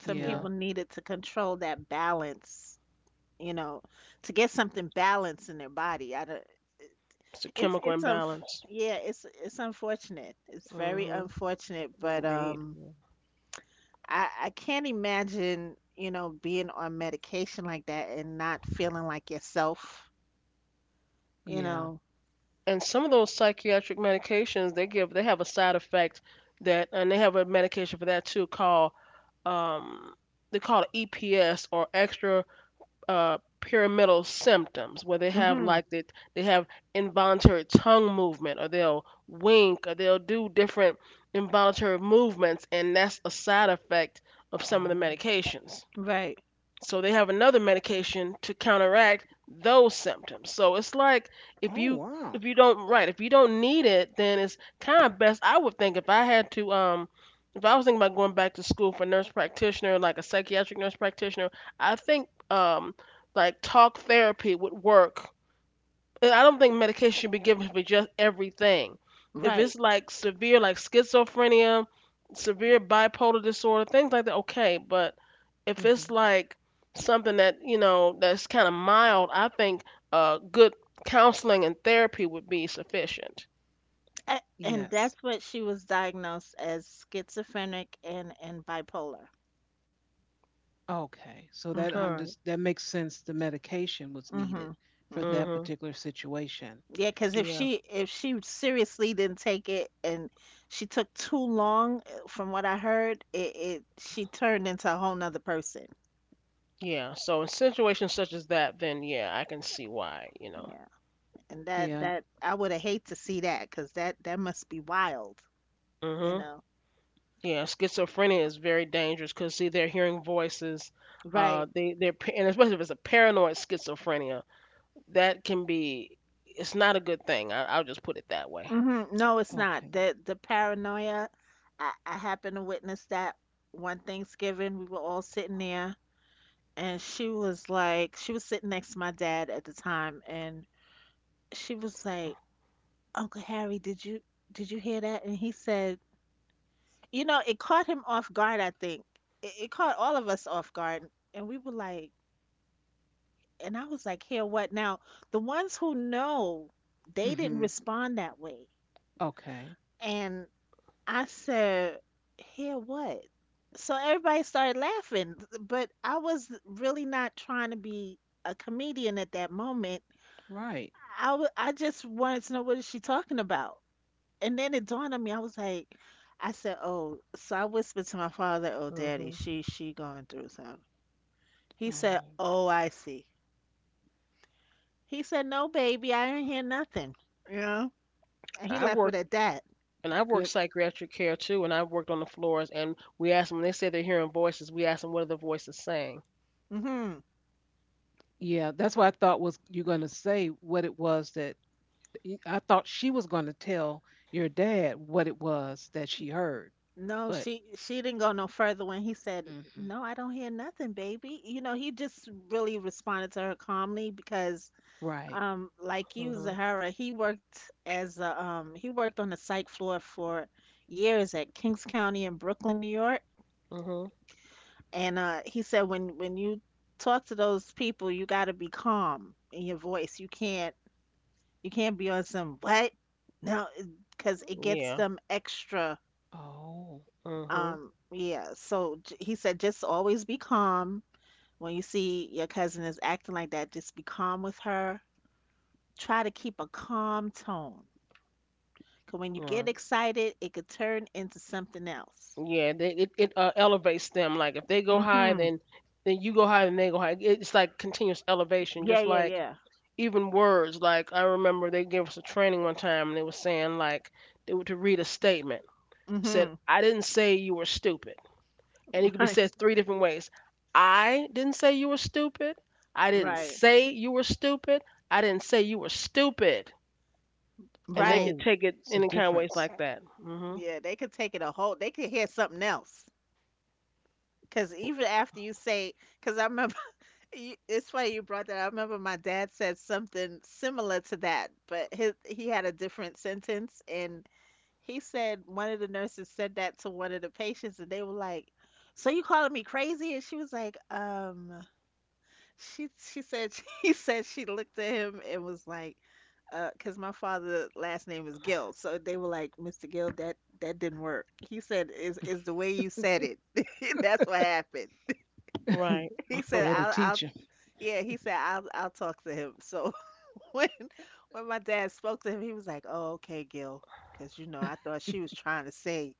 [SPEAKER 2] Some
[SPEAKER 3] yeah.
[SPEAKER 2] people need it to control that balance, you know, to get something balanced in their body. I don't.
[SPEAKER 3] It's a
[SPEAKER 2] It's
[SPEAKER 3] chemical
[SPEAKER 2] it's um
[SPEAKER 3] imbalance.
[SPEAKER 2] yeah, it's it's unfortunate. It's very
[SPEAKER 3] Mhm.
[SPEAKER 2] unfortunate, but
[SPEAKER 3] Indeed.
[SPEAKER 2] um
[SPEAKER 3] Yeah.
[SPEAKER 2] I I can't imagine, you know, being on medication like that and not feeling like yourself, you
[SPEAKER 1] yeah.
[SPEAKER 2] know.
[SPEAKER 3] And some of those psychiatric medications they give, they have a side effect that, and they have a medication for that too called um, they call it E P S, or extra uh, pyramidal symptoms, where they have
[SPEAKER 2] Mhm.
[SPEAKER 3] like they, they have involuntary tongue movement, or they'll wink, or they'll do different involuntary movements, and that's a side effect of some of the
[SPEAKER 1] Oh,
[SPEAKER 3] medications,
[SPEAKER 2] Right.
[SPEAKER 3] so they have another medication to counteract those symptoms. So it's like if
[SPEAKER 1] oh,
[SPEAKER 3] you
[SPEAKER 1] wow.
[SPEAKER 3] if you don't right, if you don't need it, then it's kind of best. I would think if I had to um if I was thinking about going back to school for nurse practitioner, like a psychiatric nurse practitioner, I think um like talk therapy would work, and I don't think medication should be given for just everything. If
[SPEAKER 2] Right.
[SPEAKER 3] it's like severe, like schizophrenia, severe bipolar disorder, things like that, okay. But if
[SPEAKER 1] Hmm.
[SPEAKER 3] it's like something that, you know, that's kind of mild, I think uh, good counseling and therapy would be sufficient.
[SPEAKER 2] A- And
[SPEAKER 1] Yes.
[SPEAKER 2] that's what she was diagnosed as, schizophrenic and and bipolar.
[SPEAKER 1] Okay, so that
[SPEAKER 3] All
[SPEAKER 2] Mhm.
[SPEAKER 1] under
[SPEAKER 3] right.
[SPEAKER 1] that makes sense. The medication was needed
[SPEAKER 2] Mhm.
[SPEAKER 1] for
[SPEAKER 2] Mhm.
[SPEAKER 1] that
[SPEAKER 3] Mhm.
[SPEAKER 1] particular situation.
[SPEAKER 2] Yeah, because if
[SPEAKER 3] Yeah.
[SPEAKER 2] she if she seriously didn't take it and she took too long, uh, from what I heard, it, it she turned into a whole nother person.
[SPEAKER 3] Yeah. So in situations such as that, then yeah, I can see why. You know.
[SPEAKER 2] Yeah, and that
[SPEAKER 1] Yeah.
[SPEAKER 2] that I would have hate to see that because that that must be wild, you
[SPEAKER 3] Mhm.
[SPEAKER 2] know?
[SPEAKER 3] Yeah, schizophrenia is very dangerous because see, they're hearing voices. Uh,
[SPEAKER 2] Right.
[SPEAKER 3] they they're pa- and especially if it's a paranoid schizophrenia, that can be. It's not a good thing. I, I'll just put it that way.
[SPEAKER 2] Mm-hmm. No, it's not.
[SPEAKER 1] Okay.
[SPEAKER 2] The the paranoia. I I happened to witness that one Thanksgiving. We were all sitting there, and she was like, she was sitting next to my dad at the time, and she was like. Uncle Harry, did you did you hear that? And he said, you know, it caught him off guard, I think. It, it caught all of us off guard. And we were like, and I was like, here, what now? The ones who know, they didn't
[SPEAKER 1] Hmm.
[SPEAKER 2] respond that way.
[SPEAKER 1] Okay.
[SPEAKER 2] And I said, here, what? So everybody started laughing, but I was really not trying to be a comedian at that moment.
[SPEAKER 1] Right.
[SPEAKER 2] I, w- I just wanted to know, what is she talking about? And then it dawned on me, I was like, I said, oh, so I whispered to my father, oh, daddy,
[SPEAKER 3] Hmm.
[SPEAKER 2] she, she going through something. He said,
[SPEAKER 1] Oh,
[SPEAKER 2] oh, I see. He said, no, baby, I didn't hear nothing. You know? And he
[SPEAKER 3] I've
[SPEAKER 2] left it
[SPEAKER 3] worked,
[SPEAKER 2] at that.
[SPEAKER 3] and I've worked
[SPEAKER 1] good.
[SPEAKER 3] psychiatric care too, and I've worked on the floors. And we ask them when they say they're hearing voices. We ask them what are the voices saying.
[SPEAKER 2] Hmm.
[SPEAKER 1] Yeah, that's what I thought was you're going to say what it was that y- I thought she was going to tell your dad what it was that she heard.
[SPEAKER 2] No,
[SPEAKER 1] But
[SPEAKER 2] she, she didn't go no further when he said,
[SPEAKER 1] hmm
[SPEAKER 2] no, I don't hear nothing, baby. You know, he just really responded to her calmly because,
[SPEAKER 1] right.
[SPEAKER 2] um, like you,
[SPEAKER 3] Hmm.
[SPEAKER 2] Zahara, he worked as a, um, he worked on the psych floor for years at Kings County in Brooklyn, New York.
[SPEAKER 3] Hmm.
[SPEAKER 2] And uh, he said, when when you talk to those people, you got to be calm in your voice. You can't, you can't be on some what, no, because it gets
[SPEAKER 3] Yeah.
[SPEAKER 2] them extra.
[SPEAKER 1] Oh.
[SPEAKER 3] Hmm.
[SPEAKER 2] Um, yeah. So j- he said, just always be calm when you see your cousin is acting like that. Just be calm with her. Try to keep a calm tone. 'Cause when you get
[SPEAKER 3] Right.
[SPEAKER 2] excited, it could turn into something else.
[SPEAKER 3] Yeah. They, it it uh, elevates them. Like if they go high,
[SPEAKER 2] Hmm.
[SPEAKER 3] then then you go high, then they go high. It's like continuous elevation,
[SPEAKER 2] Yeah,
[SPEAKER 3] just
[SPEAKER 2] yeah,
[SPEAKER 3] like
[SPEAKER 2] yeah.
[SPEAKER 3] even words like I remember they gave us a training one time and they were saying like they were to read a statement. It said,
[SPEAKER 2] Hmm.
[SPEAKER 3] I didn't say you were stupid. And it could be
[SPEAKER 2] Right,
[SPEAKER 3] said three different ways. I didn't say you were stupid. I didn't
[SPEAKER 2] right,
[SPEAKER 3] say you were stupid. I didn't say you were stupid. And they
[SPEAKER 2] right.
[SPEAKER 3] could
[SPEAKER 1] Oh,
[SPEAKER 3] take it
[SPEAKER 1] it's a
[SPEAKER 3] any kind of ways
[SPEAKER 1] difference.
[SPEAKER 3] like that. Hmm.
[SPEAKER 2] Yeah, they could take it a whole. They could hear something else. Because even after you say, because I remember, you, it's funny you brought that. I remember my dad said something similar to that, but his he had a different sentence, and he said one of the nurses said that to one of the patients, and they were like, "So you calling me crazy?" And she was like, "Um." She she said he said she looked at him and was like, uh, because my father last name is Gill, so they were like, mister Gill, that that didn't work. He said, is is the way you said it. That's what happened.
[SPEAKER 3] Right.
[SPEAKER 2] He said,
[SPEAKER 1] They're the
[SPEAKER 2] I'll I'll
[SPEAKER 1] teacher.
[SPEAKER 2] yeah. He said, I'll I'll talk to him. So when when my dad spoke to him, he was like, oh okay, Gil, because you know I thought she was trying to say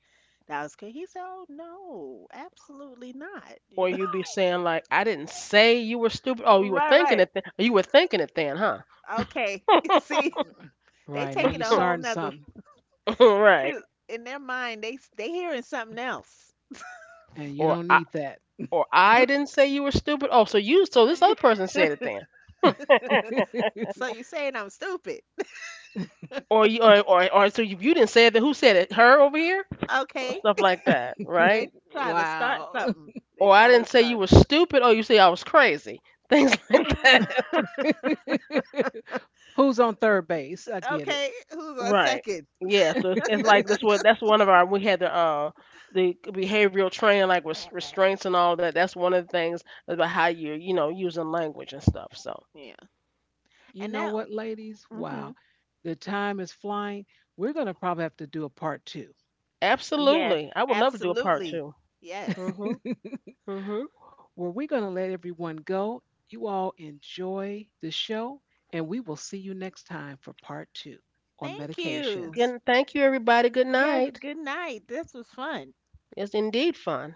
[SPEAKER 2] that I was good. He said, oh no, absolutely not. You
[SPEAKER 3] Or
[SPEAKER 2] know,
[SPEAKER 3] you'd be saying like, I didn't say you were stupid. Oh, you were
[SPEAKER 2] right,
[SPEAKER 3] thinking
[SPEAKER 2] right,
[SPEAKER 3] it. Th- you were thinking it then, huh?
[SPEAKER 2] okay. See,
[SPEAKER 1] Uh,
[SPEAKER 2] they
[SPEAKER 1] Right. Now
[SPEAKER 2] taking
[SPEAKER 1] you're
[SPEAKER 2] a whole
[SPEAKER 1] starting
[SPEAKER 2] nother.
[SPEAKER 1] something
[SPEAKER 3] Right.
[SPEAKER 2] Because in their mind they they hearing something else.
[SPEAKER 1] and you
[SPEAKER 3] Or
[SPEAKER 1] don't
[SPEAKER 3] I,
[SPEAKER 1] need that.
[SPEAKER 3] or I didn't say you were stupid. Oh, so you, so this other person said it then,
[SPEAKER 2] So you saying I'm stupid?
[SPEAKER 3] or you, or or, or so if you didn't say it, then who said it? Her over here,
[SPEAKER 2] Okay,
[SPEAKER 3] stuff like that, right?
[SPEAKER 2] they trying to start
[SPEAKER 1] Wow.
[SPEAKER 2] something. They
[SPEAKER 3] Or I
[SPEAKER 2] trying
[SPEAKER 3] didn't
[SPEAKER 2] to
[SPEAKER 3] say you
[SPEAKER 2] start
[SPEAKER 3] were stupid. Oh, you say I was crazy, things like that,
[SPEAKER 2] something.
[SPEAKER 1] Who's on third base? I get
[SPEAKER 2] Okay, who's on
[SPEAKER 3] right?
[SPEAKER 2] second?
[SPEAKER 3] Yeah, so it's, it's like this,
[SPEAKER 1] it.
[SPEAKER 3] what that's one of our, we had the uh the behavioral training like res- restraints and all that. That's one of the things about how you, you know, using language and stuff. So
[SPEAKER 2] Yeah,
[SPEAKER 1] You
[SPEAKER 2] and
[SPEAKER 1] know
[SPEAKER 2] that.
[SPEAKER 1] what, ladies?
[SPEAKER 2] Hmm.
[SPEAKER 1] Wow, the time is flying. We're going to probably have to do a part two
[SPEAKER 2] Yes,
[SPEAKER 3] absolutely, I would love to do a part
[SPEAKER 2] absolutely.
[SPEAKER 3] two.
[SPEAKER 1] where
[SPEAKER 2] Yes.
[SPEAKER 3] Mhm. Mhm.
[SPEAKER 1] we're going to let everyone go. You all enjoy the show, and we will see you next time for part two on
[SPEAKER 2] Thank you.
[SPEAKER 1] medications.
[SPEAKER 3] Again, thank you everybody. Good
[SPEAKER 2] Yes.
[SPEAKER 3] night.
[SPEAKER 2] Good night. This was fun.
[SPEAKER 3] It's indeed fun.